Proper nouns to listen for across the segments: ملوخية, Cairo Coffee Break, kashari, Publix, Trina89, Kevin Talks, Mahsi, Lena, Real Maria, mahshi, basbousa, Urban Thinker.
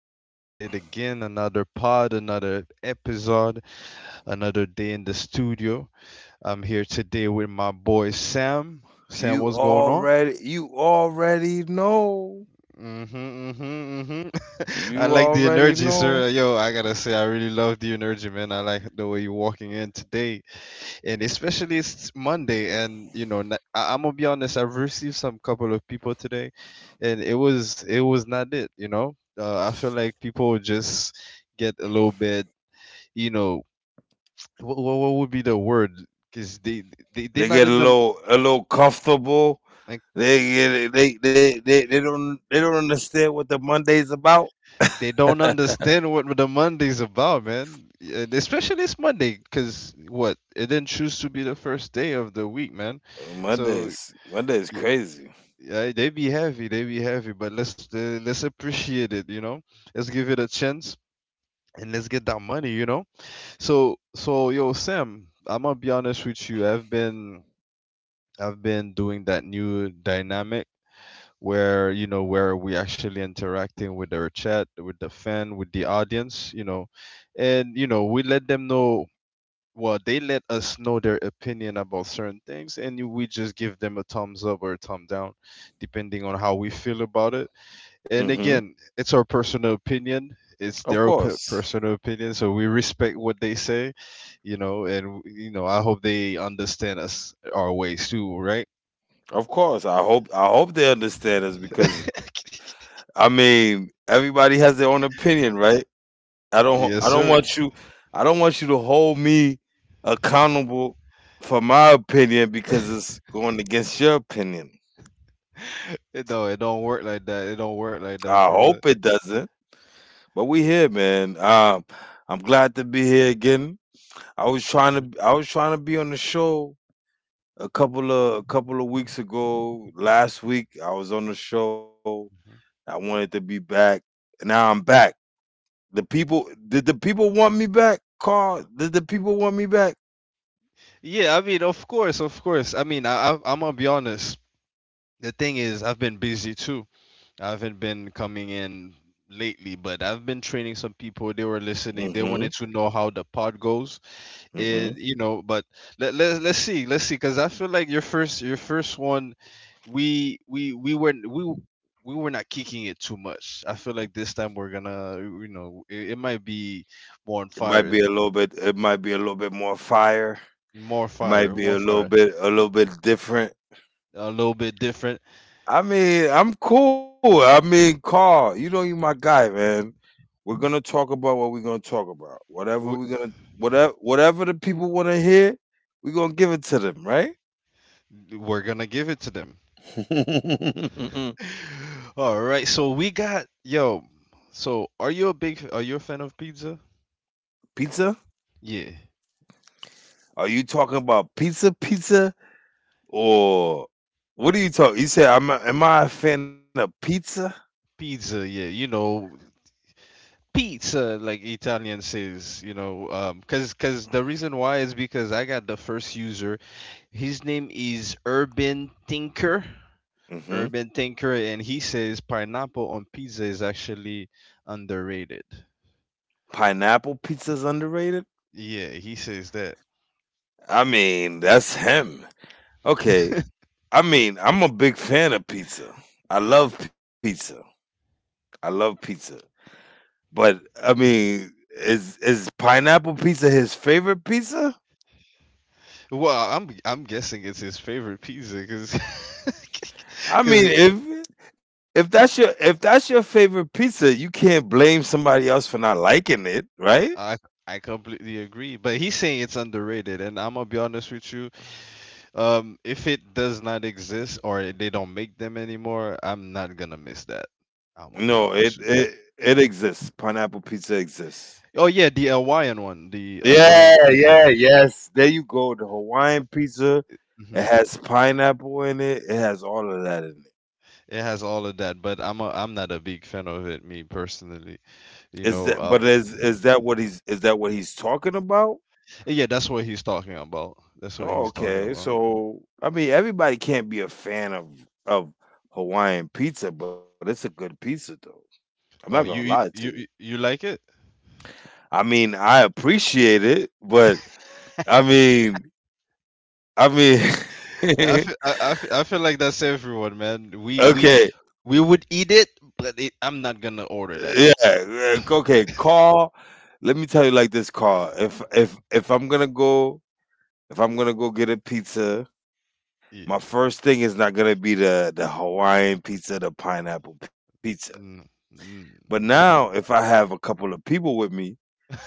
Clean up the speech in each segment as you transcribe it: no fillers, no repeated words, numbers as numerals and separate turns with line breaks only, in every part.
We back at it again. Another pod, another episode, another day in the studio. I'm here today with my boy Sam. Sam,
You
what's going on?
already you already know.
Mm-hmm, mm-hmm, mm-hmm. I
You
like the
already
energy,
know.
sir. Yo, I gotta say, I really love the energy, man. I like the way you're walking in today, and especially it's Monday, and I'm gonna be honest. I've received some couple of people today, and it was not it. You know, I feel like people just get a little bit, you know, what would be the word? Because they they're
They
not
get a
in the
little a little comfortable.
like
They get they don't understand what the Monday's about.
they don't understand what the Monday's about, man. And especially it's Monday, because what it didn't choose to be the first day of the week, man. So
Monday's crazy.
yeah, they be heavy, but let's appreciate it, you know. Let's give it a chance and let's get that money, you know. So yo Sam, I'm gonna be honest with you. I've been doing that new dynamic where you know where we actually interacting with our chat, with the fan, with the audience, you know, and you know we let them know well they let us know their opinion about certain things and we just give them a thumbs up or a thumb down depending on how we feel about it,
hmm
and again it's our personal opinion, it's
Of
their
course.
personal opinion, so we respect what they say, you know. And you know I hope they understand us our ways too, right?
Of course. I hope they understand us because I mean everybody has their own opinion, right? I don't I
Yes
don't
sir.
want you I don't want you to hold me accountable for my opinion because it's going against your opinion.
It, no, it don't work like that, it don't work like that
I
for real.
hope it doesn't. But we here, man. I'm glad to be here again. I was trying to be on the show a couple of weeks ago. Last week I was on the show.
Mhm.
I wanted to be back. And now I'm back. The people did the people want me back? Carl, did the people want me back?
Yeah, I mean, of course, of course. I mean, I'm gonna be honest. The thing is I've been busy too. I haven't been coming in lately, but I've been training some people. They were listening, they
Mm-hmm.
wanted to know how the pod goes,
Mm-hmm.
it you know. But let's see, let's see, because I feel like your first one, we we were not kicking it too much. I feel like this time we're gonna, you know, it might be more on
It might be
fire.
a little bit. It might be a little bit more fire.
More
It might
fire,
be
more
a little
fire.
bit. A little bit different.
A little bit different.
I mean, I'm cool. I mean, Carl, you know you my guy, man. We're gonna talk about what we're gonna talk about.
we,
Whatever we're gonna. Whatever. Whatever the people want to hear, we're gonna give it to them, right?
we're gonna give it to them. All right, so we got yo. Are you a fan of pizza?
Pizza?
Yeah,
Are you talking about pizza, pizza, or what are you talking? You said, am I a fan of pizza?
pizza. Yeah, you know pizza like Italian says. You know, cause the reason why is because I got the first user. His name is Urban Thinker.
hmm
Urban Thinker, and he says pineapple on pizza is actually underrated.
Pineapple pizza is underrated.
Yeah, he says that.
I mean, that's him. Okay. I mean, I'm a big fan of pizza. I love pizza. I love pizza. But I mean, is pineapple pizza his favorite pizza?
Well, I'm guessing it's his favorite pizza because
I
cause
mean, if that's your favorite pizza, you can't blame somebody else for not liking it,
I
right?
I completely agree, but he's saying it's underrated, and I'm gonna be honest with you. If it does not exist or they don't make them anymore, I'm not gonna miss that. I'm gonna be
No, it
honest with
it
you.
it exists. Pineapple pizza exists.
Oh yeah, the Hawaiian one, the Hawaiian
Yeah, yeah,
pizza.
yes. There you go. The Hawaiian pizza. It
Hmm.
has pineapple in it. It has all of that in it.
It has all of that, but I'm not a big fan of it, me personally. You know,
Is that what he's is that what he's talking about?
yeah, that's what he's talking about. That's what
Oh,
he's talking
okay.
about.
So I mean everybody can't be a fan of Hawaiian pizza, but it's a good pizza though. I'm not gonna
Oh,
lie to you.
you, you like it?
I mean, I appreciate it, but I mean I mean
I feel like that's everyone, man. We we
okay.
We would eat it, but it, I'm not gonna order
Yeah,
that.
like, okay, Carl. Let me tell you like this, Carl. If I'm gonna go, get a pizza,
Yeah,
my first thing is not gonna be the Hawaiian pizza, the pineapple pizza.
mm,
But
mm.
now, if I have a couple of people with me,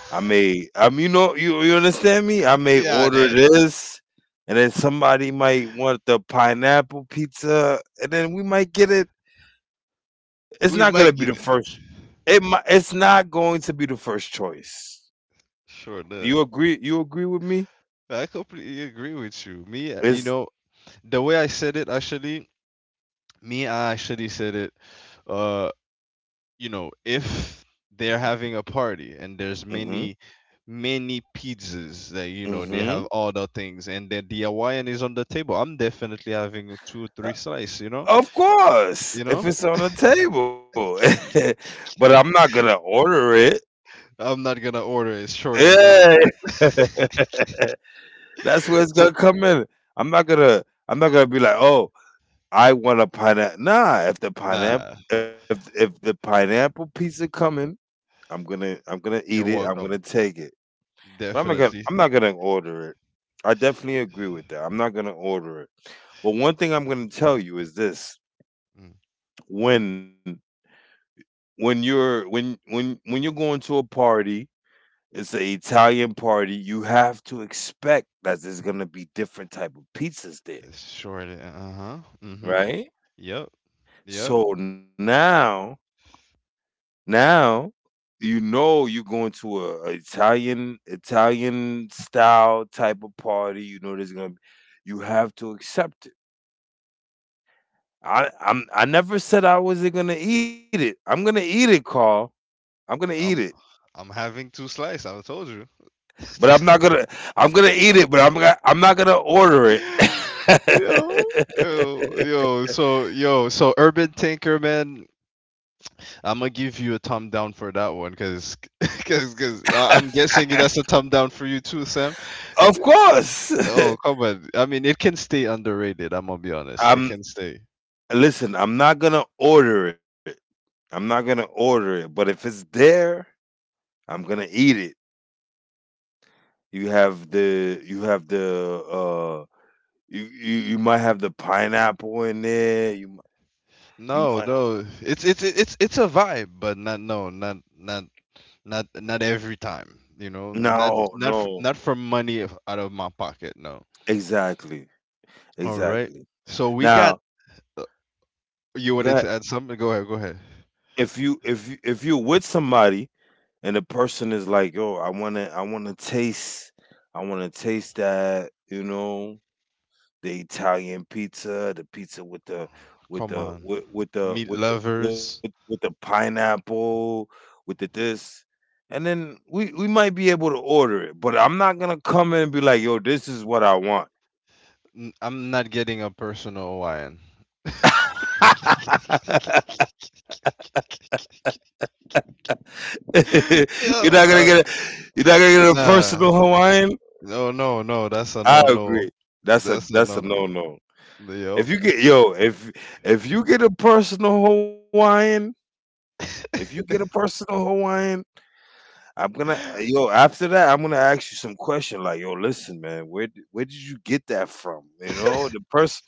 I may, you know, you understand me? I may
Yeah,
order
that
this, and then somebody might want the pineapple pizza, and then we might get it. It's not gonna
we
be the
might get
first.
it.
It's not going to be the first choice.
Sure,
You
that
agree? You agree with me?
I completely agree with you. Me, you
It's
know, the way I said it, actually, me, I actually said it. Uh, you know, if they're having a party and there's
hmm
many, many pizzas that you know they
hmm
have all the things, and then the Hawaiian is on the table, I'm definitely having two, three slice.
of course,
You
if
know,
it's on the table, but I'm not gonna order it.
I'm not gonna order it. Surely not.
Yeah, that's where it's
So
gonna come in. I'm not gonna be like, oh, I want a pineapple. Nah,
nah,
if the pineapple pizza come in, I'm gonna eat
you're
it. I'm gonna
welcome.
take it. But
Definitely.
I'm not gonna order it. I definitely agree with that. I'm not gonna order it. But one thing I'm gonna tell you is this,
Mm.
when when you're when you're going to a party, it's an Italian party, you have to expect that there's gonna be different type of pizzas there,
Short. Uh huh. Mm-hmm.
right?
Yep. Yep.
So now, now you know you're going to a, Italian style type of party, you know there's gonna be, you have to accept it. I never said I wasn't gonna eat it. I'm gonna eat it, Carl. I'm gonna eat it,
I'm I'm having two slice. I told you.
but I'm not gonna. I'm gonna eat it, I'm not gonna order it.
Yo. Yo. Yo. So yo. So Urban Tinker, man. I'm gonna give you a thumb down for that one, cause, I'm guessing that's a thumb down for you too, Sam.
Of course,
Oh come on. I mean, it can stay underrated. I'm gonna be honest. It
I'm.
can stay.
Listen, I'm not gonna order it. I'm not gonna order it. But if it's there, I'm gonna eat it. You have the. You have the. You might have the pineapple in there. You
No,
might.
no. It's it's a vibe, but not no, not not not every time, you know? Not
No,
not
no,
not for out of my pocket, no.
exactly.
All right.
Exactly.
So we got
Now,
you wanted to add
that
something? Go ahead, go ahead.
if you if you're with somebody and the person is like, "Yo, I wanna taste that," you know, the Italian pizza, the pizza with the
Come on. Meat lovers.
with the pineapple, with the this, and then we might be able to order it, but I'm not gonna come in and be like, "Yo, this is what I want."
I'm not getting a personal Hawaiian.
you're not gonna
Yo,
get a, you're not gonna get a personal
nah.
Hawaiian.
No, no, no. That's a
I
no
agree.
no. That's a
That's a
no
no
no.
no.
Yup.
If you get yo, if if you get a personal Hawaiian, if you get a personal Hawaiian, I'm gonna yo after that I'm gonna ask you some question like, yo listen man, where did you get that from? You know,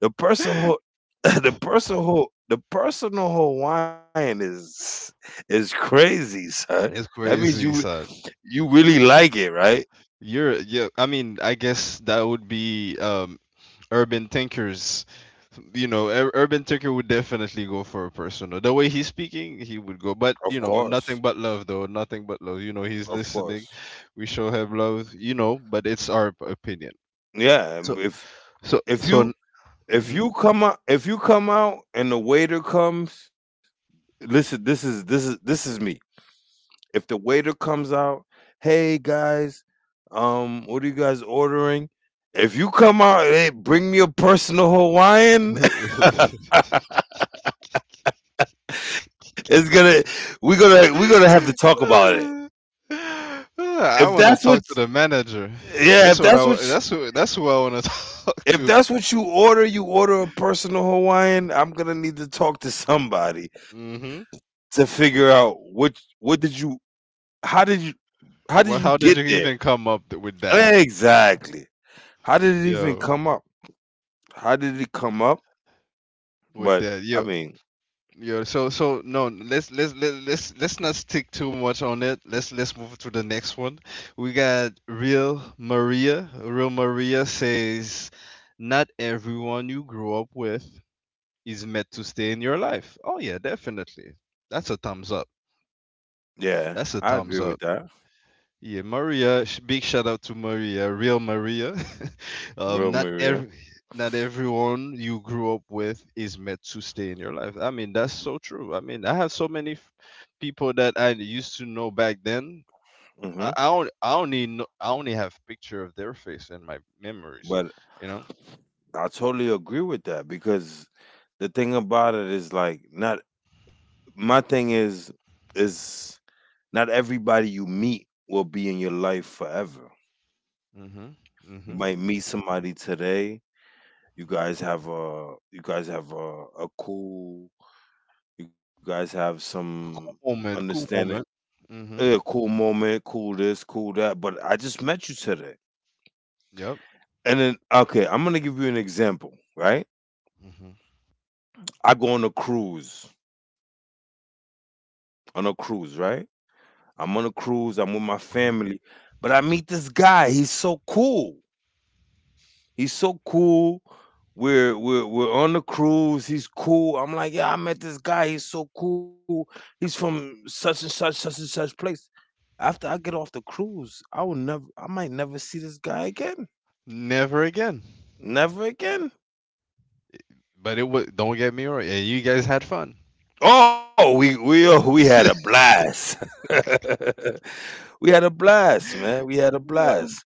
the person who the person who the personal Hawaiian is crazy, son.
It's
That means you
crazy, son.
You really like it, right?
You're yeah, I mean, I guess that would be urban thinkers. You know, urban thinker would definitely go for a personal. The way he's speaking, he would go.
Of
But you know,
course.
nothing but love though. Nothing but love. You know, he's
Of
listening.
course.
We show him love. You know, but it's our opinion.
Yeah,
So
and if
so
if
so.
you
Mm-hmm.
if you come out and the waiter comes, listen, this is this is me. If the waiter comes out, "Hey guys, what are you guys ordering?" If you come out, hey, bring me a personal Hawaiian. It's gonna, we're gonna have to talk about it.
I
If
want to
that's
talk
what,
to the manager.
yeah,
That's who. That's who I want to talk
if
to.
that's what you order a personal Hawaiian, I'm gonna need to talk to somebody
Mm-hmm.
to figure out what did you how did you how did
Well,
you
how did
get
you
there?
even with that?
Exactly. How did it even
Yo,
come up? How did it come up?
with
But
that.
I
Yo,
mean,
yo. No. Let's let- let's not stick too much on it. Let's move to the next one. We got real Maria. Real Maria says, "Not everyone you grow up with is meant to stay in your life." Oh yeah, definitely. That's a thumbs up.
yeah,
That's
I
a
agree
thumbs
with
up.
that.
Yeah, Maria. Big shout out to Maria, real Maria. um,
Real
not
Maria.
every, not everyone you grew up with is meant to stay in your life. I mean, that's so true. I mean, I have so many people that I used to know back then.
hmm
I don't, I only, know, I only have picture of their face in my memories.
But
You know.
I totally agree with that because the thing about it is like not my thing is is not everybody you meet will be in your life forever.
Mhm.
You
Mhm.
might meet
Mhm.
somebody today. You guys have a cool. You guys have some
Cool moment. Cool
understanding.
moment. Mhm.
Cool moment, cool this, cool that. But I just met you today.
Yep.
And then, okay, I'm gonna give you an example, right?
Mhm.
I go on a cruise, right? I'm on a cruise. I'm with my
Mhm.
family, but I meet this guy. He's so cool. He's so cool. We're we're on the cruise. He's cool. I'm like, yeah, I met this guy. He's so cool. He's from such and such place. After I get off the cruise, I will never. I might never see this guy again.
Never again.
Never again.
But it was. Don't get me wrong. And you guys had fun.
Oh, we oh, we had a blast. We had a blast, man. We had a blast.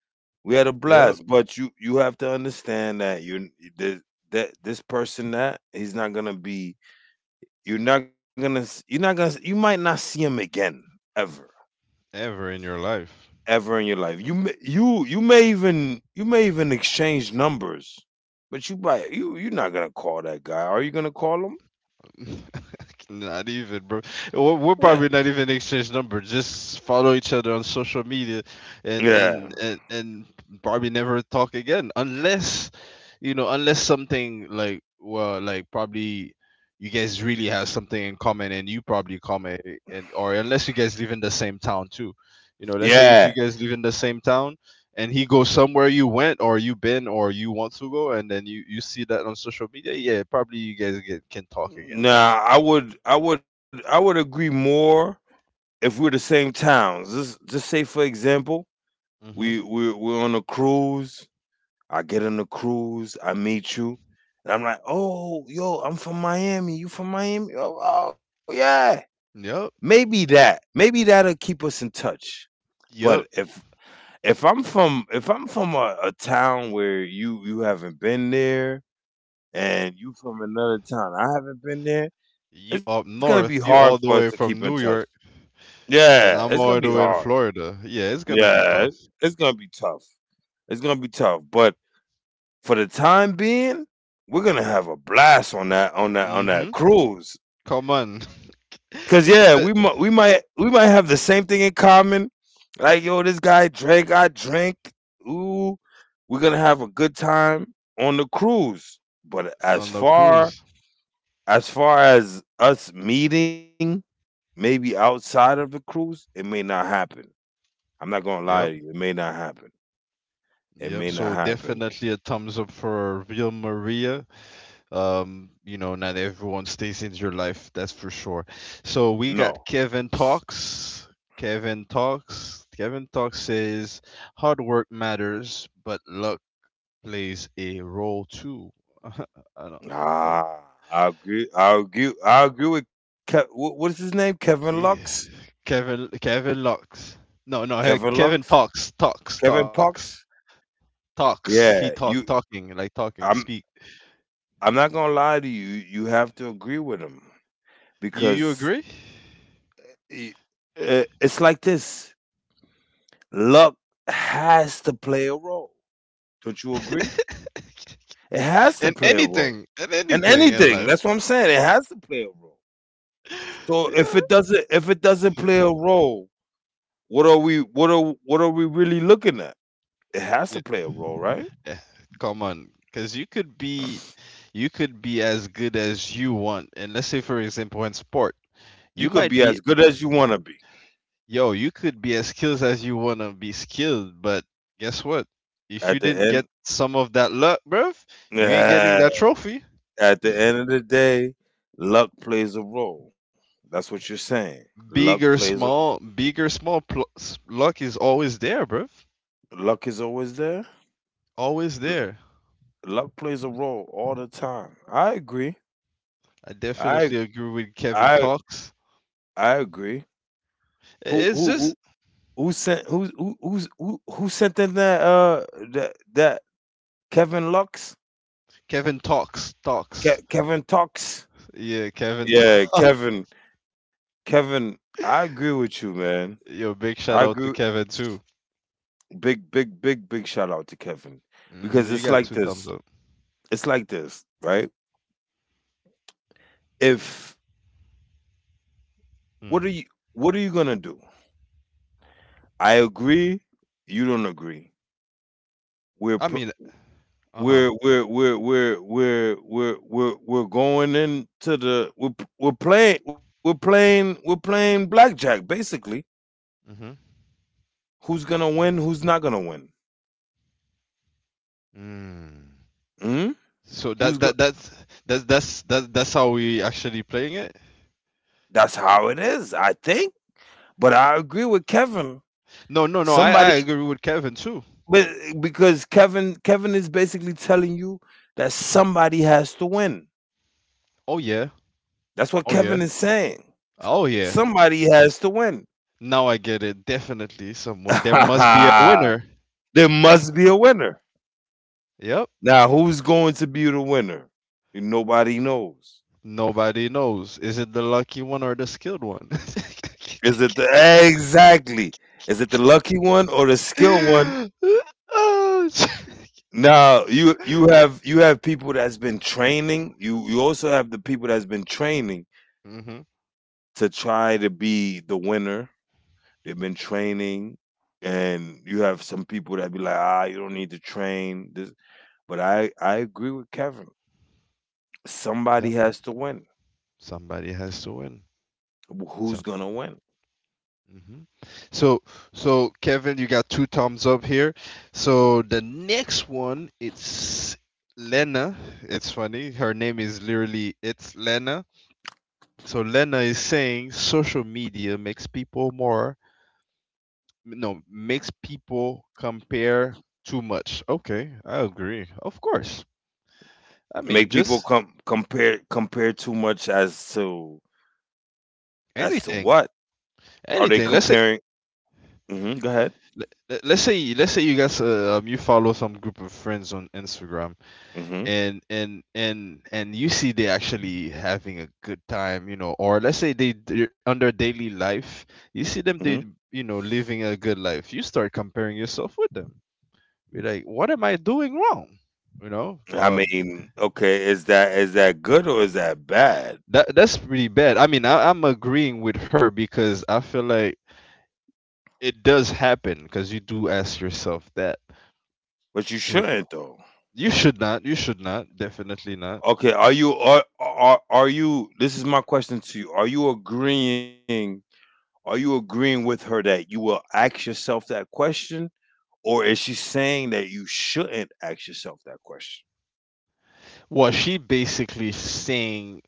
We had a
Yep,
blast. But you have to understand that you that that this person, that he's not gonna be. You might not see him again ever,
ever in your life.
ever in your life. You may even, exchange numbers, but you're not gonna call that guy. Are you gonna call him?
Not even, bro.
Yeah,
We're probably not even exchange number. Just follow each other on social media, and
yeah,
probably never talk again unless, you know, unless something like well, like probably you guys really have something in common, and you probably comment, and or unless you guys live in the same town too. You know, let's say
yeah.
if you guys live in the same town, and he goes somewhere you went or you been or you want to go and then you see that on social media, yeah, probably you guys can talk again.
Nah, I would agree more if we were the same towns. Just say for example,
Mm-hmm.
we're on a cruise. I get on the cruise, I meet you, and I'm like, oh, yo, I'm from Miami. You from Miami? Oh, oh yeah.
Yep.
Maybe that. Maybe that'll keep us in touch. But
Yep.
if I'm from a town where you haven't been there, and you from another town I haven't been there,
You up
it's gonna be
north, you
hard
all the
for us
way
to
from
keep in
New
touch.
York, and I'm
Yeah, it's
all the
gonna
way
be
in
hard.
Florida. Yeah, it's gonna be tough.
Yeah, it- it's gonna be tough. It's gonna be tough. But for the time being, we're gonna have a blast on that on that on that
Mm-hmm.
cruise.
Come on.
Cause
It's
yeah,
fit
we might we might have the same thing in common. Like yo, this guy drank, I drank. Ooh, we're gonna have a good time on the cruise. But
on the cruise.
as far as us meeting, maybe outside of the cruise, it may not happen. I'm not gonna lie
Yep.
to you, it may not happen. It
Yep.
may
So
not happen.
definitely a thumbs up for Real Maria. You know, not everyone stays in your life, that's for sure. So we
No,
got Kevin Talks. Kevin Talks. Kevin Talks says hard work matters, but luck plays a role too. I don't, well,
ah, I agree. I agree. I agree with what is his name? Kevin Lux.
yeah. Kevin Lux. No, no,
Kevin
Kevin
Lux.
talks, talks,
Kevin
talks,
Pox.
talks. He
Yeah, you.
talking like talking, speak.
I'm. I'm not gonna lie to you. You have to agree with him
You
because
agree?
i- it's like this. Luck has to play a role. Don't you agree? It has to
In
play a role.
anything, in
And
anything in
anything.
life.
That's what I'm saying. It has to play a role. So
Yeah.
if it doesn't play a role, what are we really looking at? It has
Y-
to play a role, right?
eh, Come on, because you could be as good as you want. And let's say, for example, in sport,
You
you
could
might
be
be
as good as you want to be.
yo, you could be as skilled as you wanna be skilled, but guess what? If you
At the
didn't get
end,
some of that luck, bruv, you ain't getting
yeah,
that trophy.
at the end of the day, luck plays a role. That's what you're saying. Luck plays a,
Big or small, luck is always there, bruv.
luck is always there.
Always
L-
there.
Luck plays a role all the time. I agree.
I definitely
I
agree with Kevin
I
Talks.
I agree. Who who
It's
who
just
who sent, who who's- who sent in that that Kevin Lux,
Kevin Talks, Talks.
Kevin Tux?
Yeah, Kevin.
Yeah,
Talks.
Kevin. Kevin, I agree with you, man.
Yo,
I
big
agree.
shout out to Kevin too.
Big shout out to Kevin because
Hmm,
it's
you
like
got two
this.
thumbs up.
It's like this, right? If what are you
Mm.
what are you gonna do? I agree. You don't agree. We're
I
pr-
mean, uh huh.
we're going into the, we're playing blackjack basically.
Mm-hmm.
Who's gonna
Mm-hmm.
win? Who's not gonna win?
Hmm.
Hmm?
So
Who's going? to
that's how we actually playing it.
That's how it is, I think. But I agree with Kevin.
No, no, no. I
Somebody,
agree with Kevin too.
but because Kevin is basically telling you that somebody has to win.
Oh yeah. Oh
That's
yeah.
what Kevin is saying.
Oh yeah.
Somebody has to win.
Now I get it. Definitely someone. There must be a winner.
There must be a winner.
Yep.
Now, who's going to be the winner? Nobody knows.
Nobody knows. Is it the lucky one or the skilled one?
Is it the, exactly? Is it the lucky one or the skill one?
Mm-hmm.
Now you have, you have people that's been training. You also have the people that's been training to try to be the winner. They've been training, and you have some people that be like, ah, you don't need to train. This, but I agree with Kevin. Somebody
Yep.
has to win.
Somebody has to win.
Who's gonna
So
win?
mhm. So, so, Kevin, you got two thumbs up here. So the next one, it's Lena. It's funny. Her name is literally it's Lena. So Lena is saying social media makes people more no makes people compare too much. Okay, I agree. Of course. I mean,
Make people
just
compare, too much, as to what
anything,
are they
anything. Let's say
comparing? Hmm, go ahead.
let's say you guys you follow some group of friends on Instagram
Hmm.
and you see they actually having a good time, or let's say they're under daily life, you see them,
Hmm.
they living a good life. You start comparing yourself with them. You're like, what am I doing wrong? you know
I
um
mean, okay, is that, is that good or is that bad?
that that's pretty bad. I mean, I'm agreeing with her because I feel like it does happen, because you do ask yourself that
But you
you know
shouldn't, though.
you should not, you should not, definitely not.
Okay, are you, this is my question to you. Are you agreeing, are you agreeing with her that you will ask yourself that question, or is she saying that you shouldn't ask yourself that question?
Well, she basically saying,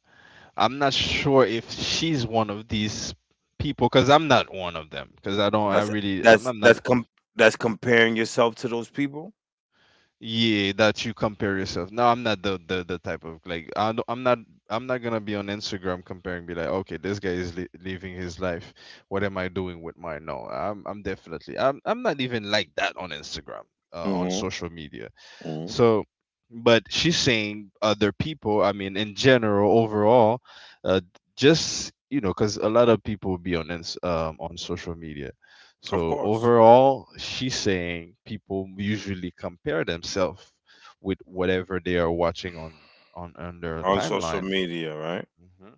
I'm not sure if she's one of these people, because I'm not one of them. Because I don't,
That's
I really,
that's
I'm
that's
not.
com- that's comparing yourself to those people?
Yeah, that you compare yourself. No, I'm not the type of, like, I don't, I'm not. I'm not gonna be on Instagram comparing, be like, okay, this guy is living his life, what am I doing with mine? No, I'm, I'm definitely, I'm not even like that on Instagram, on
Mhm.
social media.
Mhm.
So, but she's saying other people, I mean, in general, overall, uh, just, you know, because a lot of people be on on social media.
Of
So
course.
overall, she's saying people usually compare themselves with whatever they are watching on their
On social
timeline.
media, right?
Hmm.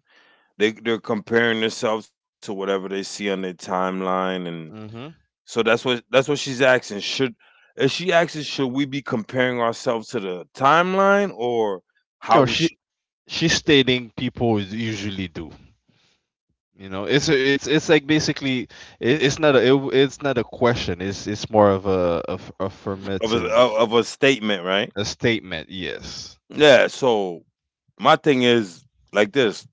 They, they're comparing themselves to whatever they see on their timeline, and
Hmm.
so that's what she's asking. Should, is she asking should we be comparing ourselves to the timeline, or how
No,
we
she,
should,
she's stating people usually do. You know, it's a, it's like basically it's not a, it's not a question. It's more of a
of a,
affirmative,
of a statement, right?
a statement. Yes.
Yeah. So my thing is like this: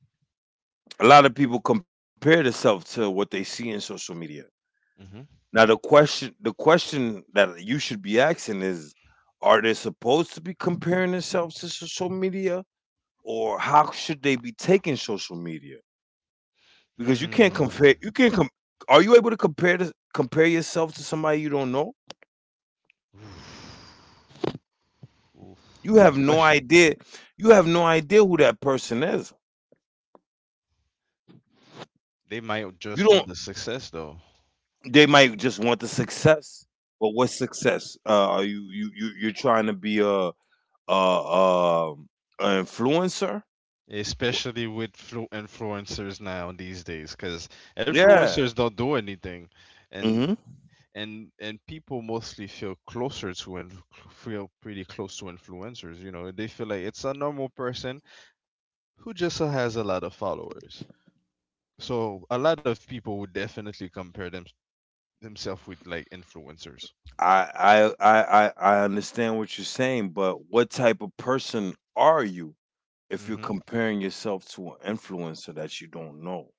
a lot of people compare themselves to what they see in social media.
Hmm.
Now the question that you should be asking is: are they supposed to be comparing themselves to social media, or how should they be taking social media? Because you can't compare. You can't
Hmm.
com- Are you able to compare, to compare yourself to somebody you don't know?
Oof. Oof.
You
Good
have no
question.
idea. You have no idea who that person is.
They
You
might
don't.
just want the success though,
They might just want the success, but what's success? Are you, you're trying to be a, a, a influencer? Wh-
especially with influencers now these days, because
Yeah.
influencers don't do anything,
Hmm.
and people mostly feel closer to and feel pretty close to influencers. You know, they feel like it's a normal person who just has a lot of followers. So a lot of people would definitely compare themselves with like influencers.
I understand what you're saying, but what type of person are you if you're
Hmm.
comparing yourself to an influencer that you don't know?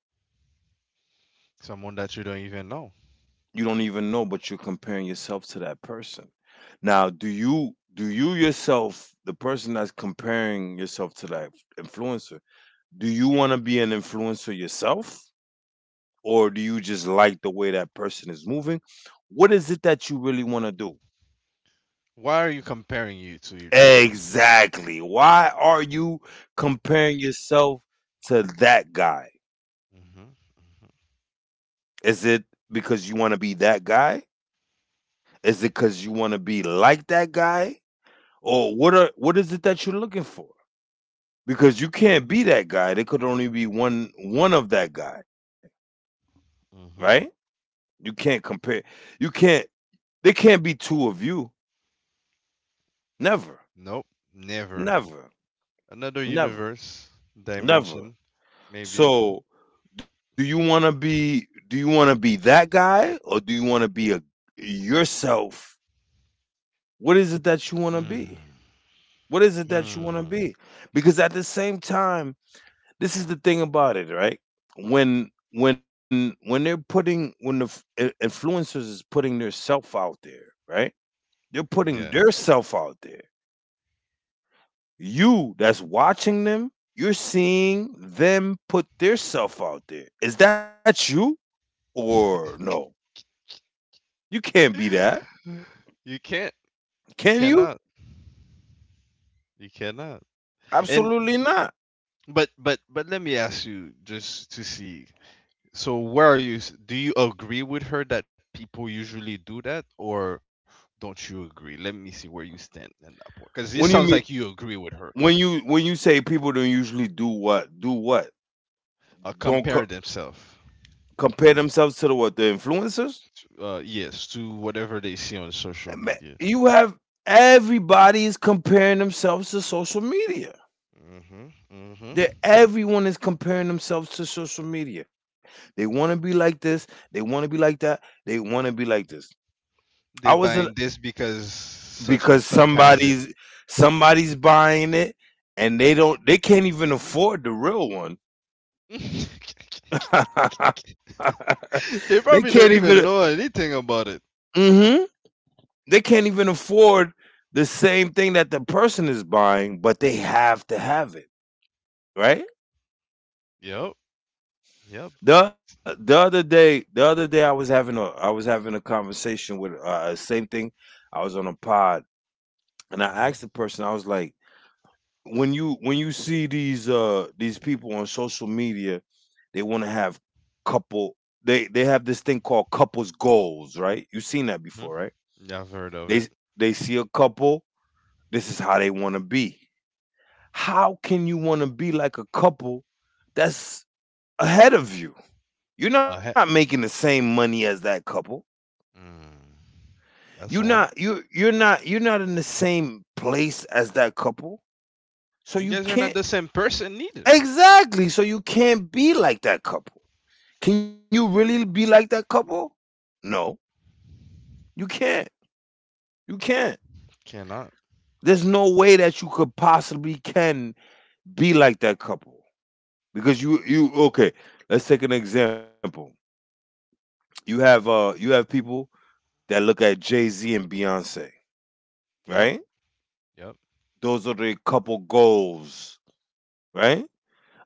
Someone that you don't even know.
You don't even know, but you're comparing yourself to that person. Now, do you yourself, the person that's comparing yourself to that influencer, do you want to be an influencer yourself? Or do you just like the way that person is moving? What is it that you really want to do?
Why are you comparing you to that person?
Exactly. Why are you comparing yourself to that guy?
Hmm.
Is it because you want to be that guy? Is it because you want to be like that guy? Or what are, what is it that you're looking for? Because you
Hmm.
can't be that guy. There could only be one of that guy,
Hmm.
right?
Hmm.
You can't compare. You can't. There can't be two of you. Never,
Nope, never.
never,
Another
never,
universe,
never.
dimension, maybe.
So, do you want to be? Do you want to be that guy, or do you want to be a, yourself? What is it that you want to be?
Hmm.
What is it that you want to be? Because at the same time, this is the thing about it, right? When they're putting, when the influencers is putting their self out there, right? They're putting
Yeah.
their self out there. You that's watching them, you're seeing them put their self out there. Is that you or no? You can't be that.
You can't. You
Can you?
cannot. You cannot. And
Absolutely not.
but let me ask you just to see. So where are you? Do you agree with her that people usually do that, or don't you agree? Let me see where you stand in that point, because this sounds
When you
like you
mean,
agree with her.
when you say people don't usually do, what do what, don't
Compare
co-
themselves,
compare themselves to the, what, the influencers?
yes, to whatever they see on social
Ma-,
media.
you have, everybody is comparing themselves to social media.
Mm-hmm. Mm-hmm.
That everyone is comparing themselves to social media. They want to be like this. They want to be like that. They want to be like this.
They
I
buying
wasn't,
this because such and
because
such has it.
somebody's, somebody's buying it and they don't, they can't even afford the real one.
They
They
probably don't
can't
even
even,
know anything about it.
mhm. They can't even afford the same thing that the person is buying, but they have to have it, right?
Yep. Yep.
The other day I was having a, I was having a conversation with same thing. I was on a pod and I
Mm-hmm.
asked the person, I was like, when you see these people on social media, they want to have couple, they have this thing called couples goals, right? You've seen that
Hmm.
before, right?
Yeah, I've heard of it.
They they see a couple, this is how they want to be. How can you want to be like a couple that's ahead of you? You're not
Uh, he-
making the same money as that couple.
mm,
You're
that's
not
one.
you you're not in the same place as that couple. So
You
you
guys are not
can't,
the same person neither.
exactly. So you can't be like that couple. Can you really be like that couple? No, you can't. You can't.
Cannot.
There's no way that you could possibly can be like that couple because you, okay. Let's take an example. You have, you have people that look at Jay Z and Beyonce,
Yep.
right?
Yep.
Those are the couple goals, right?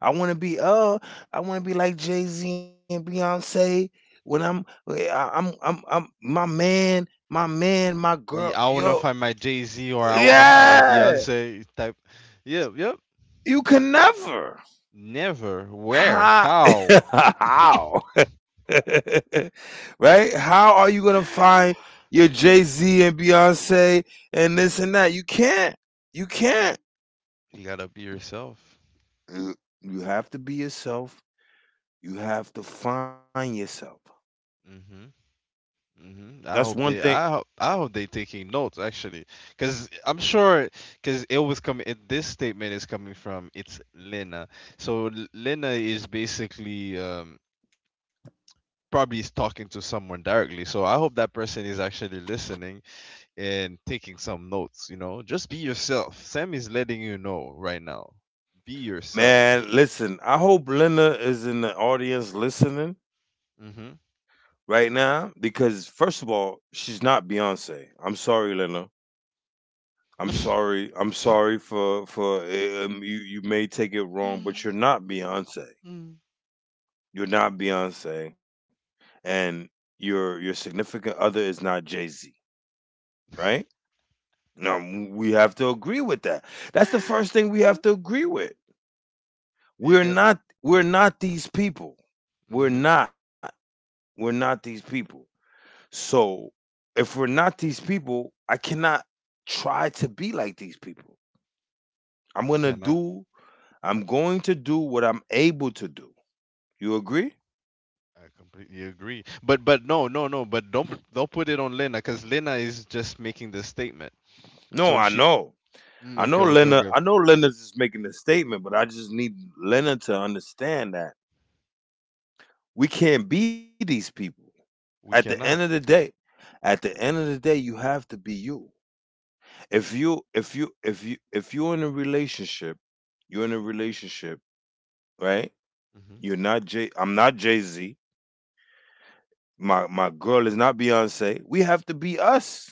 I want to be, I want to be like Jay Z and Beyonce. When I'm, I'm my man, my man, my
Like,
girl.
I wanna
Yo,
find my Jay Z or I wanna find my
yeah,
Beyonce type. Yep. Yep.
you can never.
Never. Where?
How?
How?
How? Right? How are you gonna find your Jay
Mm.
Z and Beyonce and this and that? You can't. You can't.
You gotta be yourself.
You you have to be yourself. You have to find yourself.
Hmm. I
That's one
hope they.
thing.
I hope. I hope they taking notes actually, because I'm sure. Because it was coming. This statement is coming from, it's Lena. So Lena is basically probably is talking to someone directly. So I hope that person is actually listening and taking some notes, you know. Just be yourself. Sam is letting you know right now. Be yourself.
Man, listen, I hope Linda is in the audience listening
Mhm.
right now because, first of all, she's not Beyonce. I'm sorry, Linda. I'm sorry. I'm sorry for you. You may take it wrong, but you're not Beyonce.
Mm.
You're not Beyonce, and your significant other is not Jay Z, right? No, we have to agree with that. That's the first thing we have to agree with.
you
We're
can
not. We're not these people. We're
Mhm.
not. We're not these people. So if we're not these people, I cannot try to be like these people. I'm gonna
Cannot.
do I'm going to do what I'm able to do. You agree?
I completely agree. But no, no, no, but don't put it on Lena, cuz Lena is just making this statement.
No,
So
I
she.
know.
Mm,
I know
okay, okay,
Lena,
okay.
I know Lena's just making a statement, but I just need Lena to understand that we can't be these people. At the
We
end of the
cannot.
day, at the end of the day, you have to be you. If you're in a relationship, you're in a relationship, right?
Mhm.
You're not Jay. I'm not Jay Z. My girl is not Beyonce. We have to be us,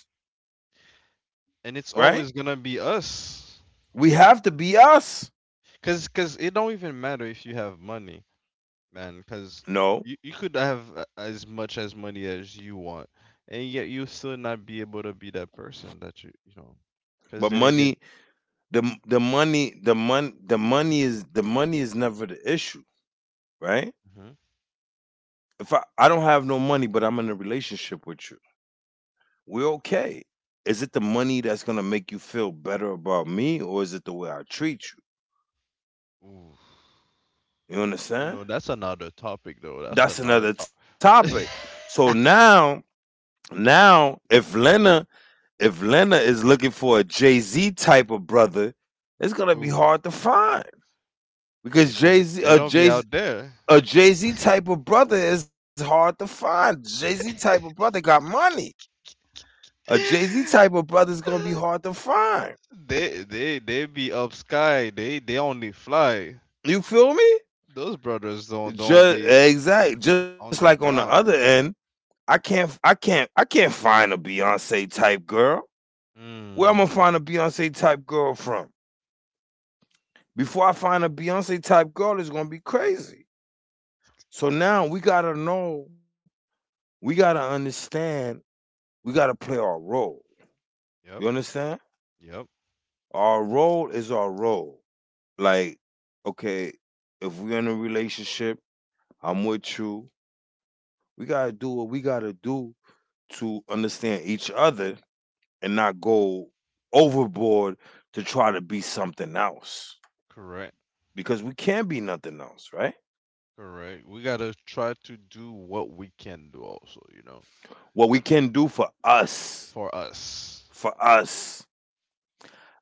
And it's
right?
always going to be us.
We have to be us.
Cause, cause it don't even matter if you have money, man. Cause
No,
you could have as much as money as you want, and yet you still not be able to be that person that you know.
but
Cause then again.
money. The money. The mon. The money is, the money is never the issue, right?
Mhm.
If I don't have no money, but I'm in a relationship with you, we're okay. Is it the money that's gonna make you feel better about me, or is it the way I treat
Ooh,
you? You
you know that's
understand?
another topic though. That's another
That's another
topic.
topic. So now, now if Lena, if Lena is looking for a Jay Z type of brother, it's gonna be
Ooh,
hard to find
they
because
don't
Jay
be,
Z,
they
a
don't be
Jay,
out there.
a Jay Z type of brother is hard to find. Jay Z type of brother got money. A Jay Z type of brother is gonna be hard to find.
They be up sky. They only fly.
You feel me?
Those brothers don't
Just
be
exact. Just like
on
on the
the
other
ground.
end, I can't find a Beyonce type girl. Where I'm gonna find a
Mm.
Beyonce type girl from? Before I find a Beyonce type girl, it's gonna be crazy. So now we gotta know, we gotta understand, we gotta play our role. You
Yep.
understand?
Yep.
Our role is our role. Like, okay, if we're in a relationship, I'm with you. We gotta do what we gotta do to understand each other and not go overboard to try to be something else.
Correct.
Because we can't be nothing else, right?
Correct. We gotta try to do what we can do also, you know,
What we can do
for us.
for us,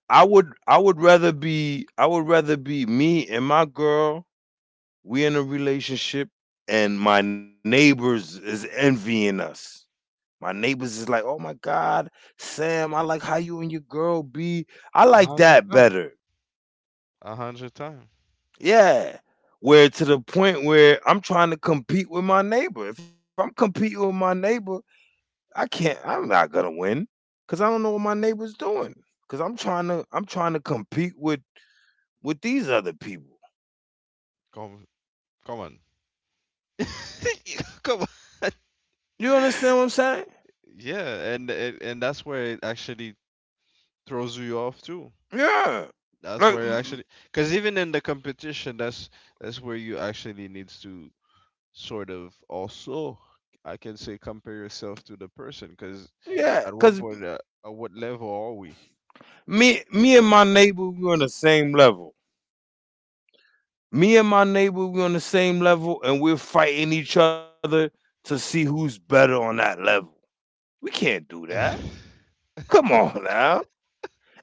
I would rather be I would rather be me and my girl, we in a relationship and my neighbors is envying us. My neighbors is like, "Oh my god, Sam, I like how you and your girl be. I
A
like
hundred
that
time.
better."
100 time.
Yeah. Where to the point where I'm trying to compete with my neighbor. If I'm competing with my neighbor, I'm not going to win cuz I don't know what my neighbor's doing cuz I'm trying to compete with these other people.
Come, come on. Come on.
You understand what I'm saying?
Yeah, and that's where it actually throws you off too.
Yeah.
That's
Like,
where it
mm,
actually, because even in the competition, that's where you actually needs to sort of also, I can say, compare yourself to the person because
yeah,
at
cause
1 point at what level are we?
me and my neighbor, we on the same level. Me and my neighbor, we on the same level, and we're fighting each other to see who's better on that level. We can't do that. Come on now.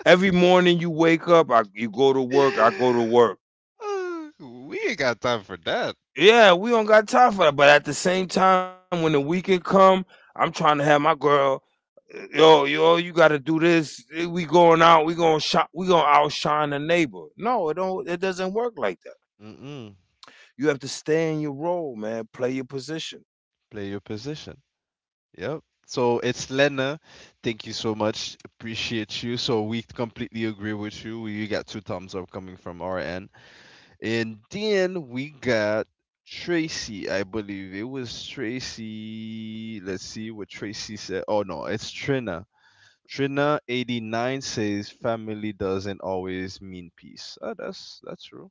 Every morning you wake up, you go to work, I go to work.
Uh, we ain't got time for that.
Yeah, we don't got time for that. But at the same time, when the weekend come, I'm trying to have my girl yo, you got to do this. We going out. We going shop. We going to outshine the neighbor. No, it don't. It doesn't work like that.
Mm-mm.
You have to stay in your role, man. Play your position.
Play your position. Yep. So it's Lena. Thank you so much. Appreciate you. So we completely agree with you. We got two thumbs up coming from our end. And then we got Tracy, I believe. It was Tracy. Let's see what Tracy said. Oh no, it's Trina. Trina89 says family doesn't always mean peace. Oh, that's true.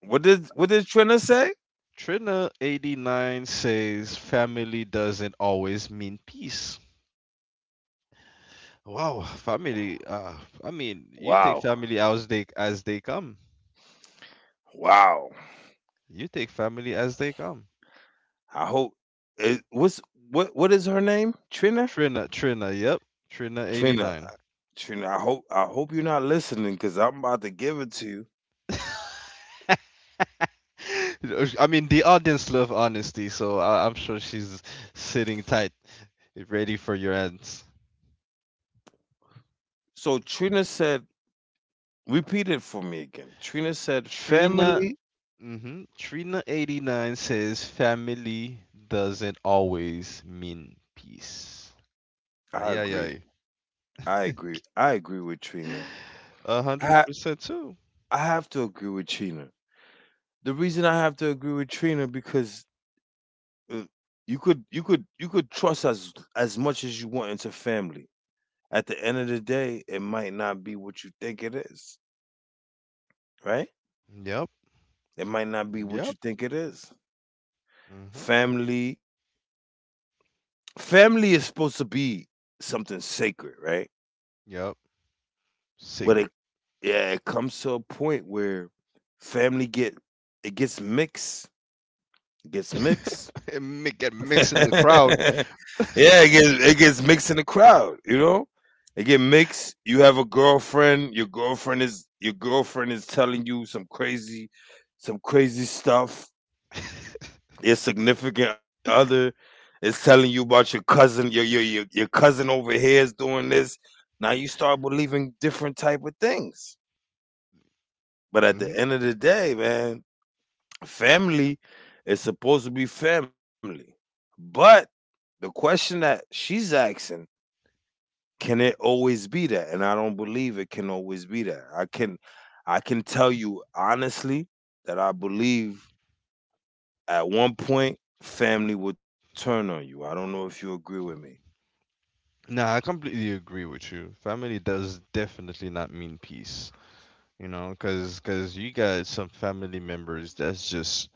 What did Trina say?
Trina 89 says family doesn't always mean peace. Wow, family. I mean, you take
Wow,
family as they come.
wow.
You take family as they come.
I hope it, what's What what is her name? Trina.
Trina, Trina, yep, Trina
Trina.
89.
Trina. I hope you're not listening because I'm about to give it to you.
I mean, the audience love honesty, so I'm sure she's sitting tight, ready for your ends.
So Trina said, repeat it for me again. Trina said,
Trina.
family.
Mm-hmm. Trina89 says family doesn't always mean peace.
I
Ay,
agree.
ay,
I
ay.
agree. I agree with Trina.
A
I
hundred
ha-
percent too.
I have to agree with Trina. The reason I have to agree with Trina because uh, you could you could trust as much as you want into family. At the end of the day, it might not be what you think it is, right?
Yep.
It might not be
Yep.
what you think it is.
Mm-hmm.
Family Family is supposed to be something sacred, right?
Yep. Sacred.
But it yeah, it comes to a point where family get it gets mixed
And get mixed in the crowd.
yeah, it gets mixed in the crowd, you know? It get mixed. You have a girlfriend, your girlfriend is telling you some crazy stuff. Your significant other is telling you about your cousin, your cousin over here is doing this. Now you start believing different type of things. But at the
Mm-hmm.
end of the day, man, family is supposed to be family. But the question that she's asking, can it always be that? And I don't believe it can always be that. I can tell you honestly that I believe at one point family will turn on you. I don't know if you agree with me.
Nah, I completely agree with you. Family does definitely not mean peace. You know, because you got some family members that's just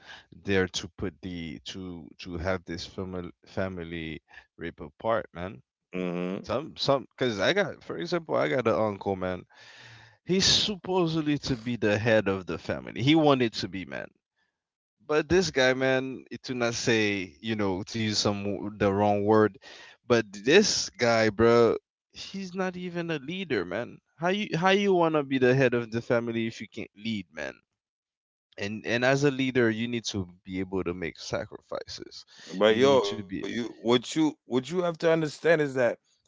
there to put the to have this family rip apart, man.
Hmm.
Some because I got, for example, I got an uncle, man. He's supposedly to be the head of the family. He wanted to be, man. But this guy, man, to not say, you know, to use some the wrong word, but this guy, bro, he's not even a leader, man. How you, how you wanna be the head of the family if you can't lead, man? And as a leader, you need to be able to make sacrifices,
But
you need
yo,
to
you
be.
what you what you have to understand is that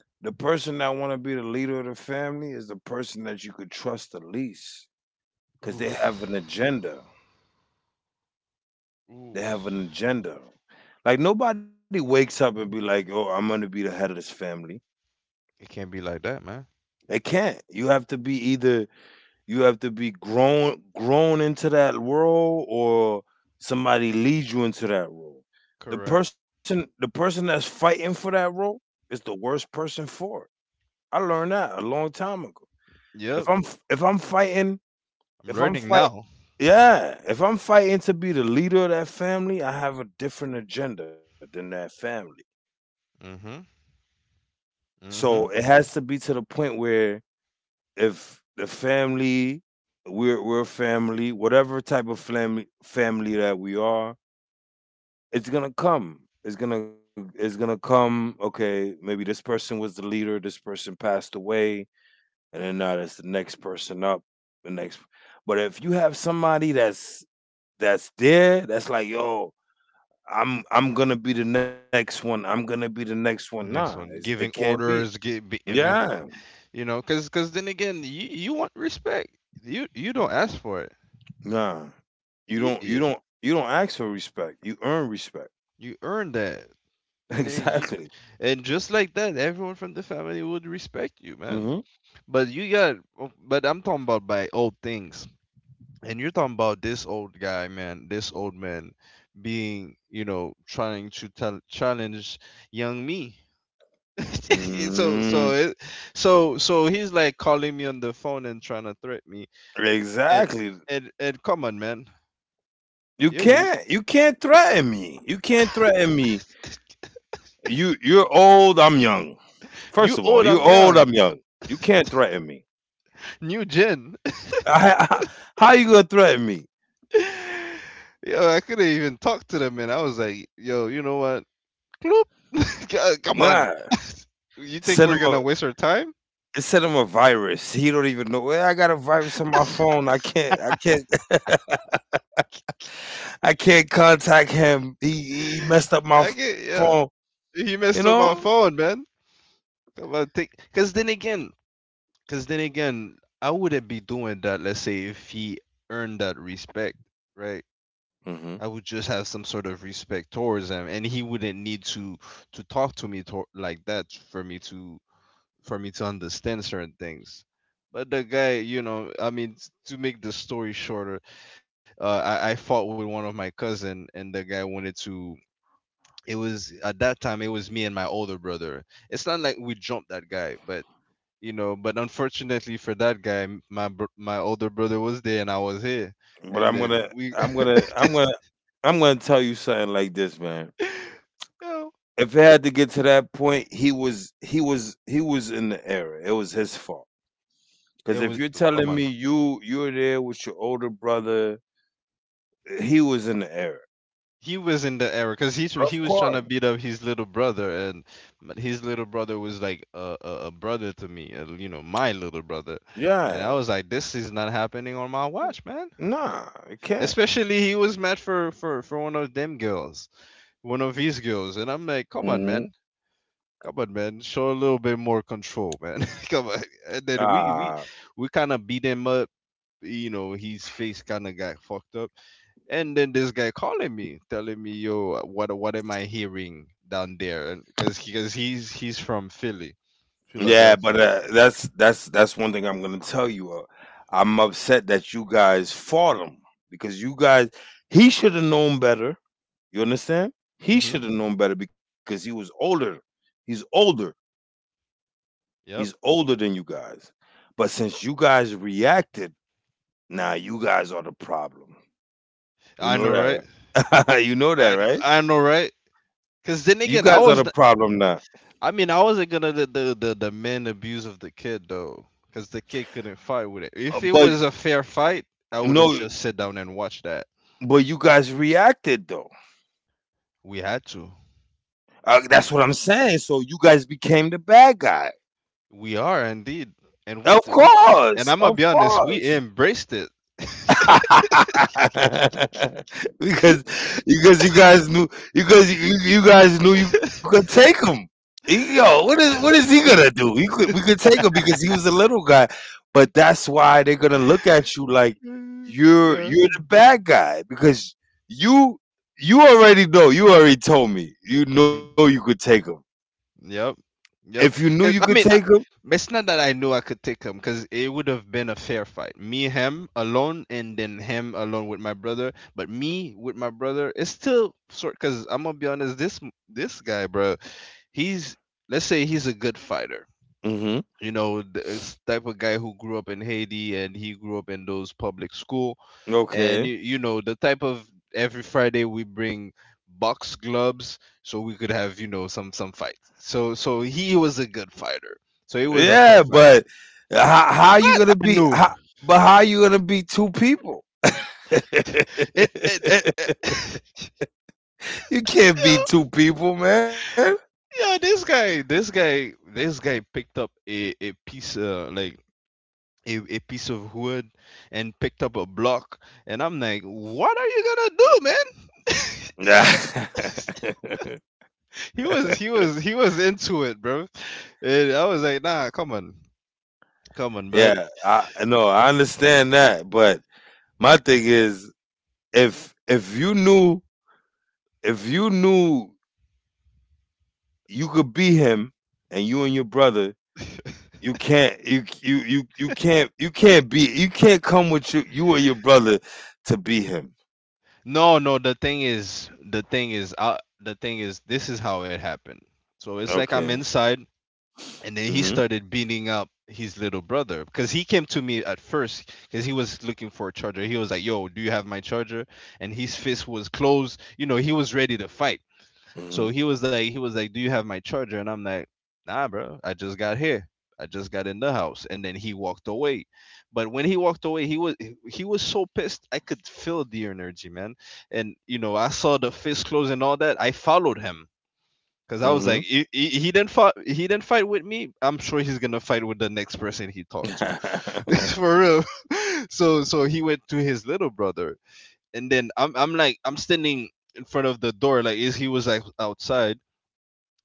the person that want to be the leader of the family is the person that you could trust the least because they
Oof,
have an agenda. They
oof.
have an agenda. Like nobody wakes up and be like, "Oh, I'm going to be the head of this family."
It can't be like that, man.
They can't. You have to be grown into that role or somebody leads you into that role.
Correct.
The person that's fighting for that role is the worst person for it. I learned that a long time ago. If
Yep.
I'm if I'm fighting
I'm
if I'm
learning
fight
now.
yeah, if I'm fighting to be the leader of that family, I have a different agenda than that family.
Mm-hmm.
So it
Mm-hmm.
has to be to the point where if the family, we're family, whatever type of family that we are, it's gonna come. It's gonna come. Okay, maybe this person was the leader. This person passed away, and then now that's the next person up. The next, but if you have somebody that's there, that's like yo, I'm gonna be the next one. I'm gonna be the next one. Nah,
Next one
it
giving
can't be.
orders. Give. Be, I
Yeah.
mean, you know, because then again, you want respect, you don't ask for it.
Nah.
you you,
You don't ask for respect. You earn respect.
you earn that. And then
Exactly.
you, and just like that, everyone from the family would respect you, man.
Mhm.
But you got, oh, but I'm talking about by old things, and you're talking about this old guy, man, this old man being, you know, trying to tell, challenge young me. So, so,
Mm,
it, so, so he's like calling me on the phone and trying to threaten me, and
exactly.
come on, man. You,
You can't threaten me. You can't threaten me. You're old, I'm young.
you
First of
old,
all,
I'm
you're old,
young,
I'm young. You can't threaten me.
new gen.
I, I, how you gonna threaten me?
Yo, I couldn't even talk to the man. I was like, yo, you know what? Bloop. Come
Nah.
on. You
Send him
think we're
a
gonna waste our time?
send him a virus. He don't even know. Well, I got a virus on my phone. I can't I can't contact him. He
I
messed up
get,
my
yeah.
phone.
He
You
messed up
know.
my phone, man. Come on, take. Cause then again, I wouldn't be doing that. Let's say if he earned that respect, right?
Hmm.
I would just have some sort of respect towards him, and he wouldn't need to talk to me to, like that, for me to for me to understand certain things. But the guy, you know, I mean, to make the story shorter, I fought with one of my cousin, and the guy wanted to. It was at that time, it was me and my older brother. It's not like we jumped that guy, but but unfortunately for that guy, my older brother was there and I was here,
But
and
I'm
then
gonna
we,
I'm gonna I'm
just,
gonna I'm gonna tell you something like this, man.
you know,
If it had to get to that point, he was in the error. It was his fault.
it
Because
was
if you're
come
telling
on,
me you're there with your older brother, he was in the error.
he was in the era because he
Of
was trying to
course.
beat up his little brother, and but his little brother was like a brother to me, my little brother. And I
Yeah.
was like, this is not happening on my watch, man.
Nah, it can't.
Especially he was mad for one of them girls, one of his girls. And I'm like,
Hmm.
come on, man, come on, man, show a little bit more control, man. Come on. And then we we
Ah.
we kind of beat him up. You know, his face kind of got fucked up. And then this guy calling me, telling me, yo, what am I hearing down there, because because he's from Philly,
Yeah, but
Philadelphia.
that's one thing I'm gonna tell you. I'm upset that you guys fought him because you guys he should have known better. You understand? He
Mm-hmm.
should have known better because he was older. He's older. He's
Yep.
older than you guys. But since you guys reacted, now you guys are the problem. You
I
know
know, right?
that, right? you know that,
I know,
right?
I know, right? Because then
You
again, I
guys are
was
the problem now.
I mean, I wasn't gonna the men abuse of the kid though, because the kid couldn't fight with it, if it was
But
a fair fight, I would have
no,
just sat down and watched that.
but you guys reacted though.
We had to.
That's what I'm saying. So you guys became the bad guy.
We are indeed. And we
Of
th- we and
course,
I'm gonna
of
be honest, we
course.
embraced it.
because you guys knew because you guys knew you could take him. He- Yo, what is he gonna do? He could we could take him because he was a little guy, but that's why they're gonna look at you like
Mm, yeah.
you're the bad guy because you already know you already told me you know you
Mhm.
could take him
Yep.
if you
Yep.
knew you
Cause
could
I
take
mean, I, it's not that I knew I could take him, cause it would have been a fair fight. Me, him alone, and then him alone with my brother. But me with my brother, it's still sort. Cause I'm gonna be honest, this guy, bro, he's, let's say he's a good fighter.
him.
You know, this type of guy who grew up in Haiti, and he grew up in those public school. And
Okay.
you know the type of, every Friday we bring box gloves so we could have, some fights. So he was a good fighter. So it was a
Yeah,
fair fight.
but how you
But
gonna
I
be?
knew.
But how you gonna be two people?
it it, it, it.
you can't be
Yeah,
two people, man.
yeah, this guy picked up a piece, like a piece of wood, and picked up a block. And I'm like, what are you gonna do, man? Yo,
Nah.
he was into it, bro. And I was like, nah, come on, come on, but
yeah, I no, I understand that, but my thing is, if you knew if you knew you could be him, and you and your brother, you can't you you you you can't be you can't come with you and your brother to be him.
no, no, the thing is, this is how it happened. So it's
Okay.
like, I'm inside, and then
Hmm.
he started beating up his little brother, because he came to me at first, because he was looking for a charger. He was like, yo, do you have my charger? And his fist was closed, you know, he was ready to fight.
Mhm.
So he was like, "Do you have my charger?" And I'm like, "Nah, bro. I just got here. I just got in the house." And then he walked away. But when he walked away, he was so pissed. I could feel the energy, man. And you know, I saw the fist close and all that. I followed him because
Mhm.
I was like, he didn't fight. He didn't fight with me. I'm sure he's gonna fight with the next person he talked to. For real. So he went to his little brother, and then I'm standing in front of the door, like, is he was like outside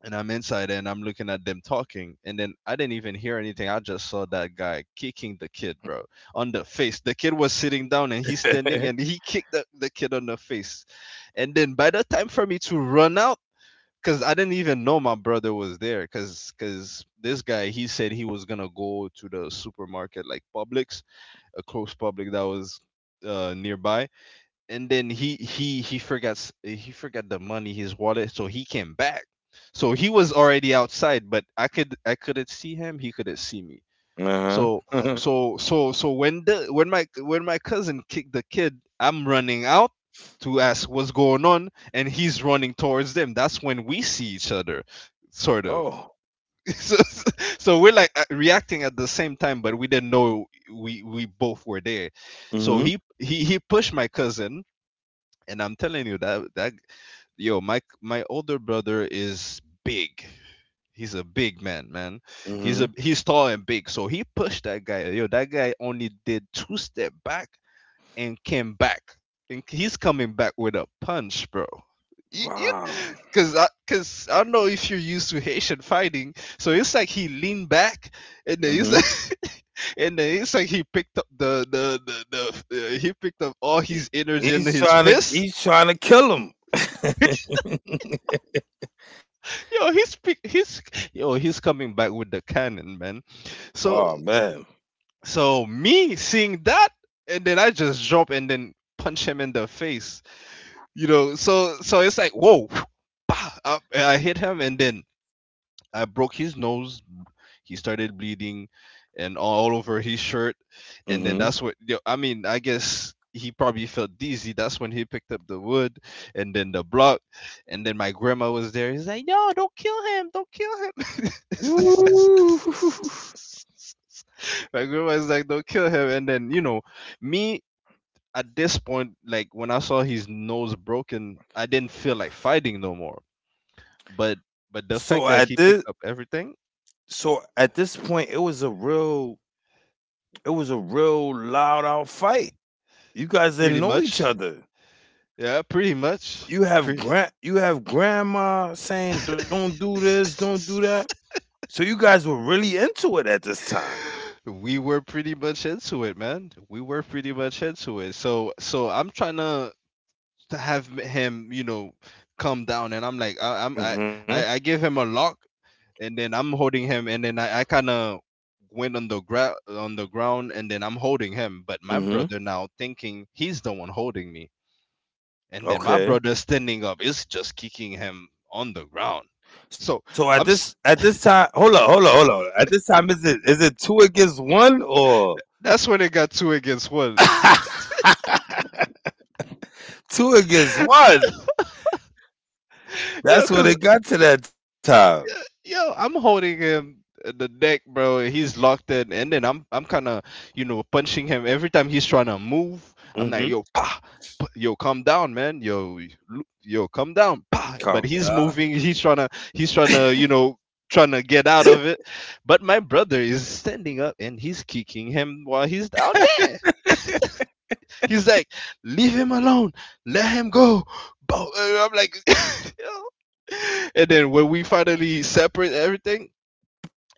and I'm inside, and I'm looking at them talking, and then I didn't even hear anything. I just saw that guy kicking the kid, bro, on the face. The kid was sitting down and he's standing, and he kicked the kid on the face. And then by the time for me to run out, because I didn't even know my brother was there, because this guy he said he was gonna go to the supermarket like Publix, a close Publix that was, nearby, and then he forgot the money, his wallet, so he came back. So he was already outside, but I could, I couldn't see him, he couldn't see me.
Uh-huh.
So
Uh huh.
when my cousin kicked the kid, I'm running out to ask what's going on, and he's running towards them. That's when we see each other, sort
Oh.
of. So, so we're like, reacting at the same time, but we didn't know we both were there. So
Mhm.
he pushed my cousin. And I'm telling you that, yo, my older brother is big. He's a big man, man.
Mhm.
He's tall and big. So he pushed that guy. Yo, that guy only did two step back and came back. And he's coming back with a punch, bro. You,
Wow.
cause I don't know if you're used to Haitian fighting. So it's like he leaned back, and then it's
Mhm.
like, and then it's like he picked up the he picked up all
He
his energy in
he's
his
trying to
fist.
kill him.
Yo, he's pick- he's yo, he's coming back with the cannon, man.
Oh,
So
man.
me seeing that, and then I just drop and then punch him in the face. You know, so it's like, whoa, bah, up, and I hit him, and then I broke his nose. He started bleeding, and all over his shirt. And then
Mhm.
that's what, yo, I mean, I guess he probably felt dizzy. That's when he picked up the wood, and then the block, and then my grandma was there. He's like, "No, don't kill him! Don't kill him!"
Woo.
My grandma's like, "Don't kill him!" And then, me, at this point, like when I saw his nose broken, I didn't feel like fighting no more. But the
So
fact that
at
he
this
picked up everything.
so at this point, it was a real it was a real loud out fight. You guys didn't
Pretty
know each
much.
other.
Yeah, pretty much. Pretty.
You have grandma saying, "Don't do this, don't do that." So you guys were really into it at this time.
We were pretty much into it, man. We were pretty much into it. So, I'm trying to have him, come down, and I'm like, I, I'm,
mm
I give him a lock, and then I'm holding him, and then I kind of went on the ground, and then I'm holding him, but my
Mhm.
brother
Mhm.
now thinking he's the one holding me. And then my brother
Okay.
standing up is just kicking him on the ground. So I'm s-
Hold up, hold up, hold up. Hold up. At this time, is it two against one or
that's when it got two against one.
two against one?
Yo,
That's what
cause
it got to that time.
yo, I'm holding him at the neck, bro. And he's locked in, and then I'm kind of, punching him every time he's trying to move. I'm like,
Mhm.
yo, ah, yo, calm down, man. Yo, yo, calm down. Pah. But
Come,
he's moving. He's trying to you know trying to get out of it. But my brother is standing up and he's kicking him while he's down. He's like, leave him alone, let him go. But I'm like, yo. And then when we finally separate everything,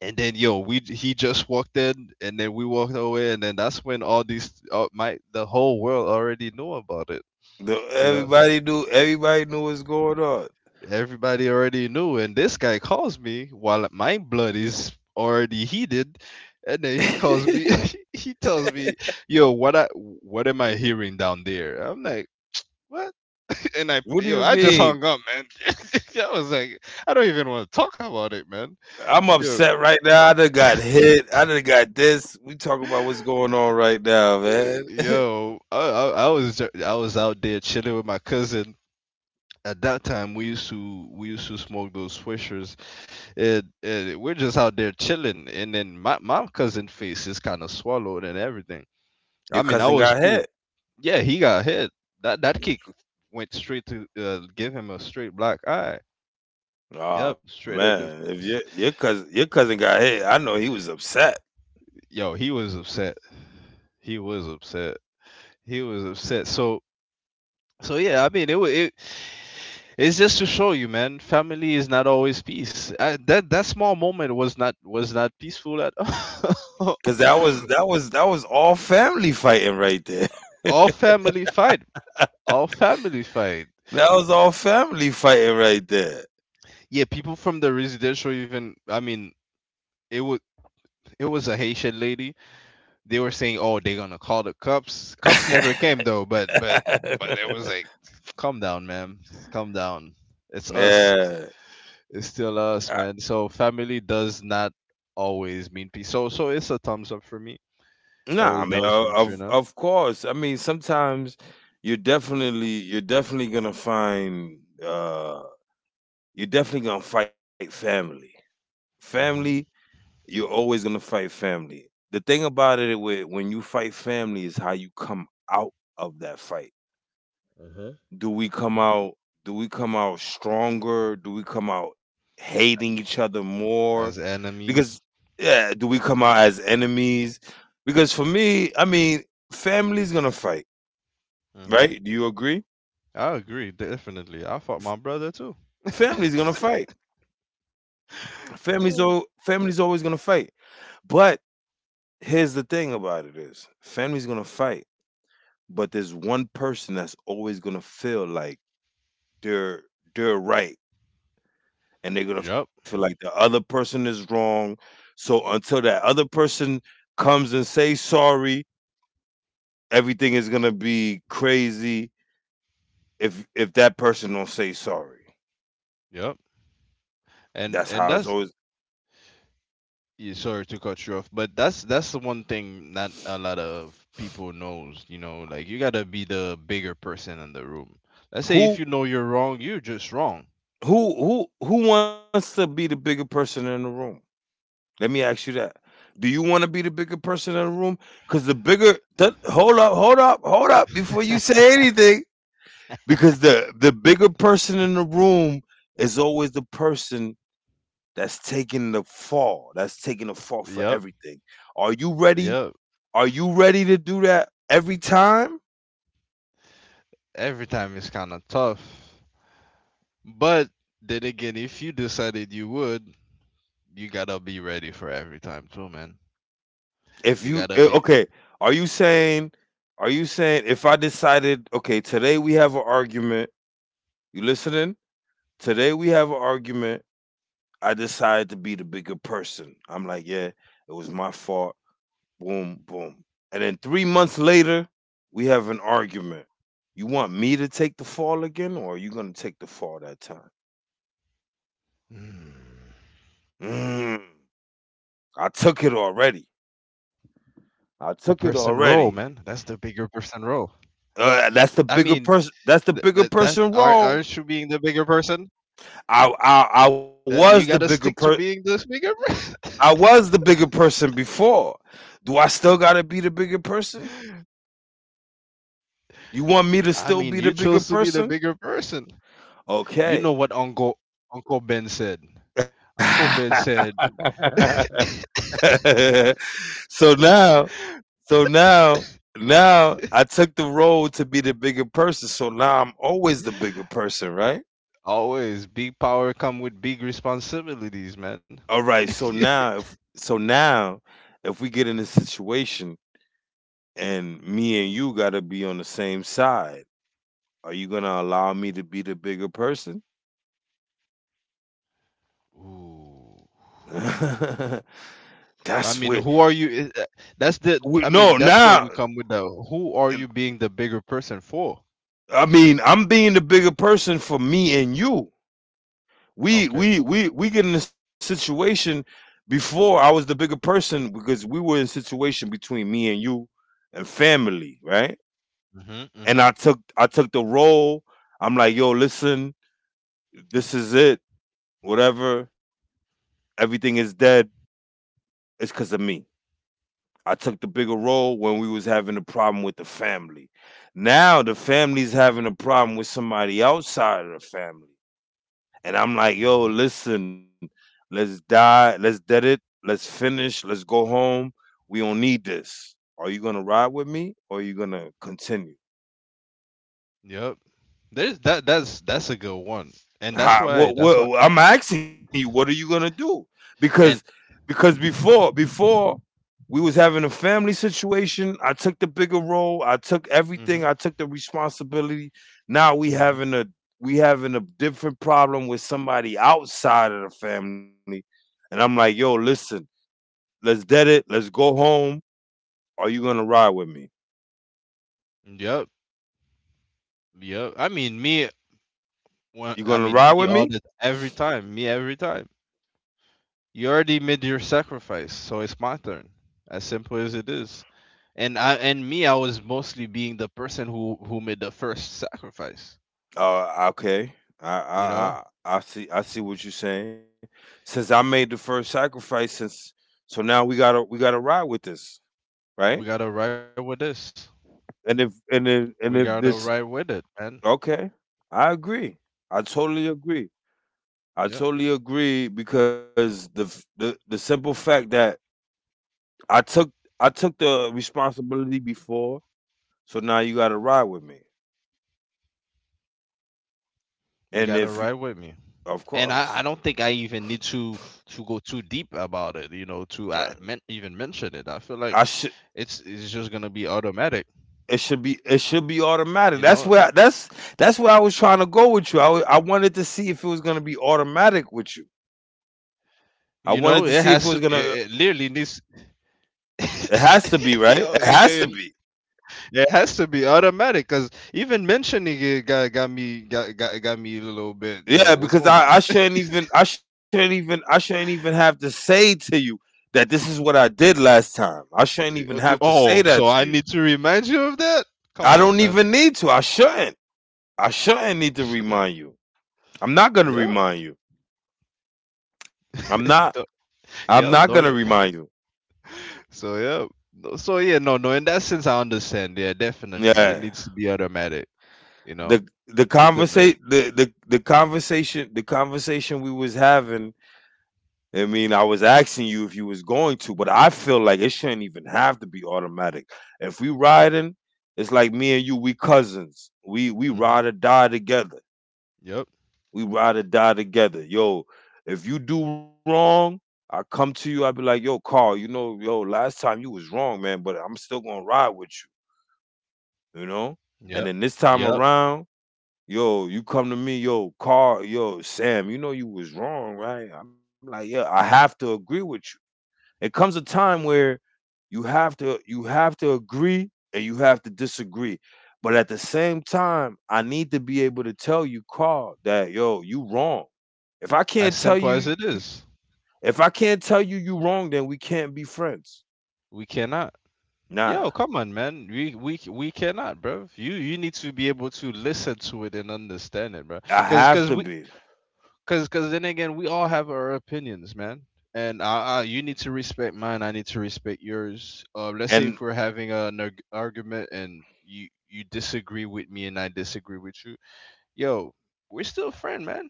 and then yo, we he just walked in, and then we walked away, and then that's when all these, my, the whole world already knew about it. You know,
everybody knew what's going on.
everybody already knew, and this guy calls me while my blood is already heated, and then he calls me. He tells me, "Yo, what, I, what am I hearing down there?" I'm like, "What?" And I,
what do
yo,
you
I just
mean?
hung up, man. I was like, I don't even want to talk about it, man.
I'm upset
Yo,
right now. I done got hit. I done got this. We talk about what's going on right now, man.
yo, I was out there chilling with my cousin. At that time, we used to smoke those swishers. And we're just out there chilling. And then my cousin face is kind of swallowed and everything.
Your
I mean,
cousin
I was
got hit.
cool. Yeah, he got hit. That kick went straight to, give him a straight black eye.
Oh
Yep, straight
man,
at the
if
face.
your cousin your cousin got hit, I know he was upset
Yo, he was upset. He was upset. He was upset. So, so yeah, I mean, it, wa- it it's just to show you, man. Family is not always peace. That that small moment was not peaceful at all.
because that was all family fighting right there.
All family fight. All family fight.
That was all family fighting right there.
Yeah, people from the residential even. I mean, it was it was a Haitian lady. They were saying, "Oh, they're gonna call the cops." Cops never came though. But it was like, calm down, ma'am. Calm down. It's us.
yeah.
It's still us, man. So family does not always mean peace. So it's a thumbs up for me.
No, I mean,
That was from Trina.
of course. I mean, sometimes you're definitely gonna find uh, you're definitely gonna fight family. Family,
Hmm.
you're always gonna fight family. The thing about it with when you fight family is how you come out of that fight.
Mhm.
Do we come
Mhm.
out? Do we come out stronger? Do we come out hating each other more?
As
Because
enemies.
yeah, do we come out as enemies? Because for me, I mean, family's gonna fight
Mhm.
right? Do you agree?
I agree, definitely. I fought my brother too.
Family's gonna fight.
Yeah.
Family's always gonna fight. But here's the thing about it is family's gonna fight, but there's one person that's always gonna feel like they're they're right, and they're gonna
Yep.
feel like the other person is wrong. So until that other person comes and say sorry, everything is gonna be crazy. If that person don't say sorry,
Yep.
that's how
And
it's always.
that's, yeah, sorry to cut you off, but that's the one thing not a lot of people knows. You know, like you gotta be the bigger person in the room. Let's say if
Who
you know you're wrong, you're just wrong.
Who who wants to be the bigger person in the room? Let me ask you that. Do you want to be the bigger person in the room? Because hold up, hold up, hold up before you say anything. Because the bigger person in the room is always the person that's taking the fall. That's taking the fall for
Yep.
everything. Are you ready?
Yep.
Are you ready to do that every time?
Every time is kind of tough. But then again, if you decided you would, you gotta be ready for every time too, man.
If you
You
eh,
gotta be.
okay, are you saying are you saying if I decided, okay, today we have an argument, you listening? Today we have an argument. I decide to be the bigger person. I'm like, yeah, it was my fault. Boom, boom. And then 3 months later, we have an argument. You want me to take the fall again, or are you going to take the fall that time?
Hmm.
Mm, I took it already.
The person
I
role,
took it
man. That's the
already.
bigger person role. I
That's
mean,
the bigger person.
that
That's the
that
bigger
aren't
person
aren't you
role.
being the bigger person?
I I, I
That
was the
you gotta
bigger per
stick to being this bigger person.
I was the bigger person before. Do I still gotta be the bigger person? You want me to
I
still
mean,
be
you
the
chose
bigger
to be the
person?
bigger person. You know what
Okay.
Uncle, Ben said. Uncle Ben said.
so now, so now, Now I took the role to be the bigger person. So now I'm always the bigger person, right?
Always big power come with big responsibilities,
All
man.
right. So now, if we get in a situation and me and you gotta be on the same side, are you gonna allow me to be the bigger person?
Ooh.
That's
I mean,
what.
who are you? Uh, that's the.
We,
I mean,
no,
that's where
now
we come with the. Who are you
and-
being the bigger person for?
I mean, I'm being the bigger person for me and you. We
Okay.
we we we get in a situation. Before, I was the bigger person because we were in a situation between me and you and family, right?
Mhm.
And
Mhm.
I took the role. I'm like, yo, listen, this is it. Whatever, everything is dead. It's because of me. I took the bigger role when we was having a problem with the family. Now the family's having a problem with somebody outside of the family. And I'm like,
Mhm.
yo, listen, let's die, let's dead it, let's finish, let's go home. We don't need this. Are you gonna ride with me, or are you gonna continue?
Yep. There's that. That's a good one, and that's
How,
why. That's why.
what, I'm asking you, what are you gonna do? Because
And.
because before we was having a family situation, I took the bigger role, I took everything,
Mhm.
I took the responsibility. Now we
Mhm.
having a we having a different problem with somebody outside of the family, and I'm like, yo, listen, let's dead it, let's go home. Are you gonna ride with me?
Yep. Yep. I mean, me. When,
You
I
gonna
mean,
ride
me
with
all
me?
the every time. Me every time. You already made your sacrifice, so it's my turn. As simple as it is. And I, and me, I was mostly being the person who made the first sacrifice.
Okay. I,
You know,
I I I see what you're saying. Since I made the first sacrifice, since so now we gotta ride with this,
we
right?
gotta ride with this.
And if
We
and
gotta
if
ride
and if
with it,
this
man.
okay, I agree. I totally agree.
Yeah,
I totally agree because the the simple fact that I took I took the responsibility before, so now you gotta ride with me.
you gotta ride with me.
And if you,
And I don't
of
think I
course,
even need to go too deep about it. You know, to I meant even mention it. I feel like
I should.
it's just gonna be automatic.
It should be
You
automatic.
know,
That's where I was trying to go with you. I wanted to see if it was gonna be automatic with you. I wanted
you
to see
know,
if it
it
was
has to.
gonna.
It literally needs.
It has to be, right. It
Yo, it,
has to
it
be.
It has to be automatic because even mentioning it got me a little bit.
Yeah,
Yo,
because
what's going
I
on?
shouldn't even I shouldn't even I shouldn't even have to say to you that this is what I did last time. I shouldn't even have to say
Oh,
that
so
to
I
you.
need to remind you of that? Come
I
on,
don't
man.
even need to. I shouldn't. I shouldn't need to
Shut up.
remind you. I'm not gonna
Yeah.
remind you. I'm not.
don't-
I'm
Yeah.
not
Don't
gonna
it.
remind you.
So yeah. So yeah. No. No. In that sense, I understand. Yeah. Definitely, it
Yeah.
needs to be automatic. You know, take the blame.
The conversation we was having, I mean, I was asking you if you was going to, but I feel like it shouldn't even have to be automatic. If we riding, it's like me and you, we cousins, we
Mm-hmm.
ride or die together.
Yep.
We ride or die together. Yo, if you do wrong, I come to you, I be like, yo, Carl, you know, yo, last time you was wrong, man, but I'm still gonna ride with you, you know.
Yep.
And then this time
Yep.
around, yo, you come to me, yo, Carl, yo, Sam, you know you was wrong, right? I'm like, yeah, I have to agree with you. It comes a time where you have to agree and you have to disagree. But at the same time, I need to be able to tell you, Carl, that yo, you wrong. If I
As
can't tell
simple
you,
as it is.
if I can't tell you you wrong, then we can't be friends.
We cannot.
Nah,
Yo, come on, man. We cannot, bro. You need to be able to listen to it and understand it, bro.
I
Cause
have
cause
to
we
be.
cause then again, we all have our opinions, man. And I you need to respect mine. I need to respect yours. Let's
And
say if we're having an argument and you disagree with me and I disagree with you, yo, we're still friend, man.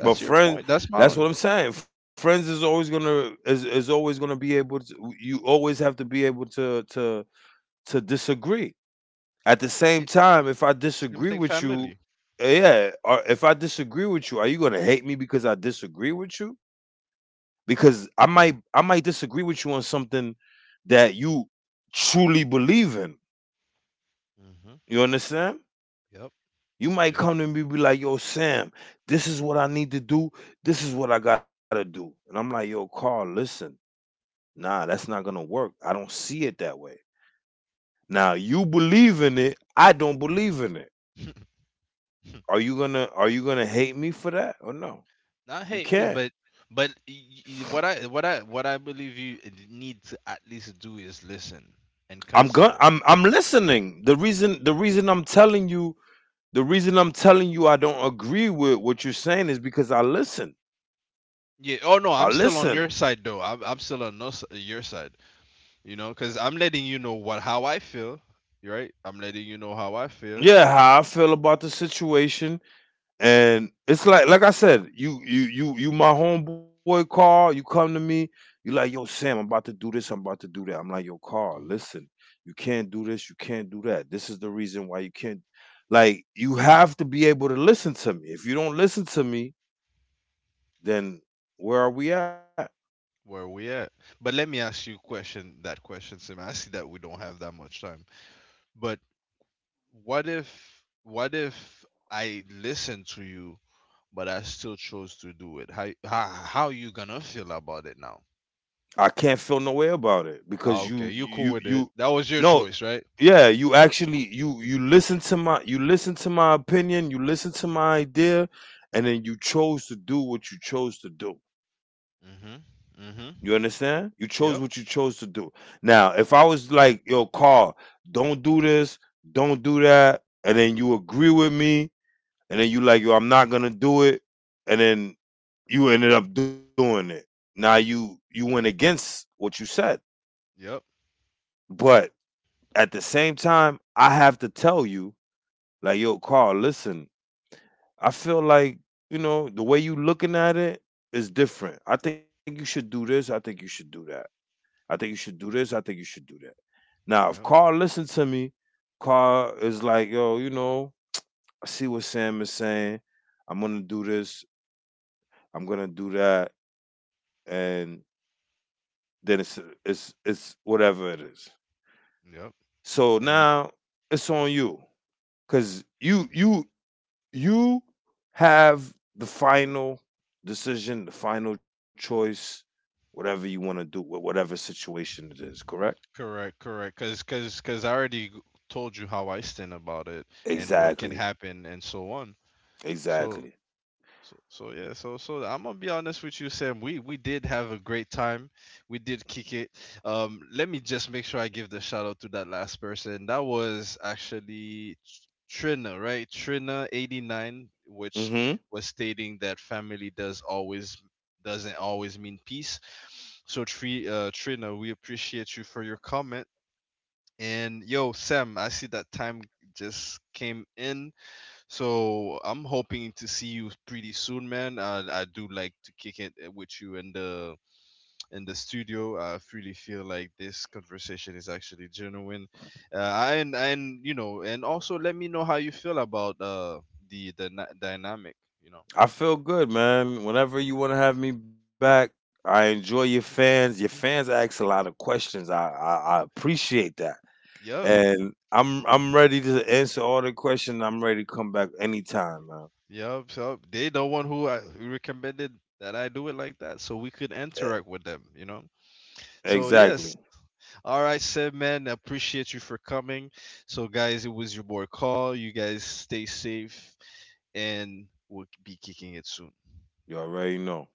but
your
friends,
point. That's
that's what
mine.
I'm saying. Friends is always gonna be able to. You always have to be able to to disagree. At the
Uh,
same
it-
time, if I
Same
disagree
thing,
with you,
family.
yeah, or if I disagree with you, are you gonna hate me because I disagree with you? Because I might disagree with you on something that you truly believe in.
Mm-hmm.
You understand?
Yep.
You might come to me, be like, "Yo, Sam, this is what I need to do. This is what I gotta do," and I'm like, "Yo, Carl, listen." Nah, that's not gonna work. I don't see it that way. Now you believe in it. I don't believe in it.
Yep.
Are you gonna hate me for that or no?
not
You
hate me,
can't.
but but y- what I believe you need to at least do is listen and
I'm going
consider.
I'm I'm listening. The reason I'm telling you the reason I'm telling you I don't agree with what you're saying is because I listen.
Yeah.
I
Oh no, I'm
listen.
still on your side though. I'm still on no, s- your side. You know, because I'm letting you know what how I feel. Right. I'm letting you know how I feel.
Yeah, how I feel about the situation. And it's like I said, you my homeboy Carl, you come to me, you like, yo, Sam, I'm about to do this, I'm about to do that. I'm like, yo, Carl,
Hmm
listen, you can't do this, you can't do that. This is the reason why you can't. Like, you have to be able to listen to me. If you don't listen to me, then where are we at?
Where we at? But let me ask you question. That question, Sim. I see that we don't have that much time. But what if what if I listen to you but I still chose to do it. How you gonna feel about it now?
I can't feel no way about it because
Ah,
you
okay, you cool
you
with
you
it? That was your
no,
choice, right?
yeah, you actually, you listen to my you listen to my opinion, you listen to my idea, and then you chose to do what you chose to do.
Mhm.
You
Mhm.
understand? You chose what
Yep.
you chose to do. Now, if I was like, yo, Carl, don't do this, don't do that, and then you agree with me, and then you like, yo, I'm not gonna do it, and then you ended up doing it, now you went against what you said.
Yep.
But at the same time, I have to tell you, like, yo, Carl, listen, I feel like, you know, the way you looking at it is different. I think you should do this. I think you should do that. I think you should do this. I think you should do that. Now, if
Yep.
Carl listen to me, Carl is like, yo, you know, I see what Sam is saying. I'm gonna do this. I'm gonna do that, and then it's it's whatever it is.
Yep.
So
And
now it's on you, cause you have the final decision, the final choice, whatever you want to do with whatever situation it is, correct?
correct. Cause I already g- told you how I stand about it and what can
Exactly.
happen and so on. So
Exactly.
Yeah, I'm gonna be honest with you, Sam. We did have a great time. We did kick it. Let me just make sure I give the shout out to that last person. That was actually Trina, right? Trina 89, which
Mhm.
was stating that family does always doesn't always mean peace. So Trina, we appreciate you for your comment. And yo, Sam, I see that time just came in so I'm hoping to see you pretty soon, man. I do like to kick it with you in the studio. I really feel like this conversation is actually genuine, and you know, and also let me know how you feel about dynamic. You know,
I feel good, man. Whenever you want to have me back, I enjoy your fans. Your fans ask a lot of questions. I appreciate that.
yep,
And I'm ready to answer all the questions. I'm ready to come back anytime, man.
yep. So they the one who I who recommended that I do it like that, so we could
E-
interact with them. You know, so
Exactly.
yes, all right, Seb, man, appreciate you for coming. So, guys, it was your boy Call. You guys stay safe, and we'll be kicking it soon.
You already know.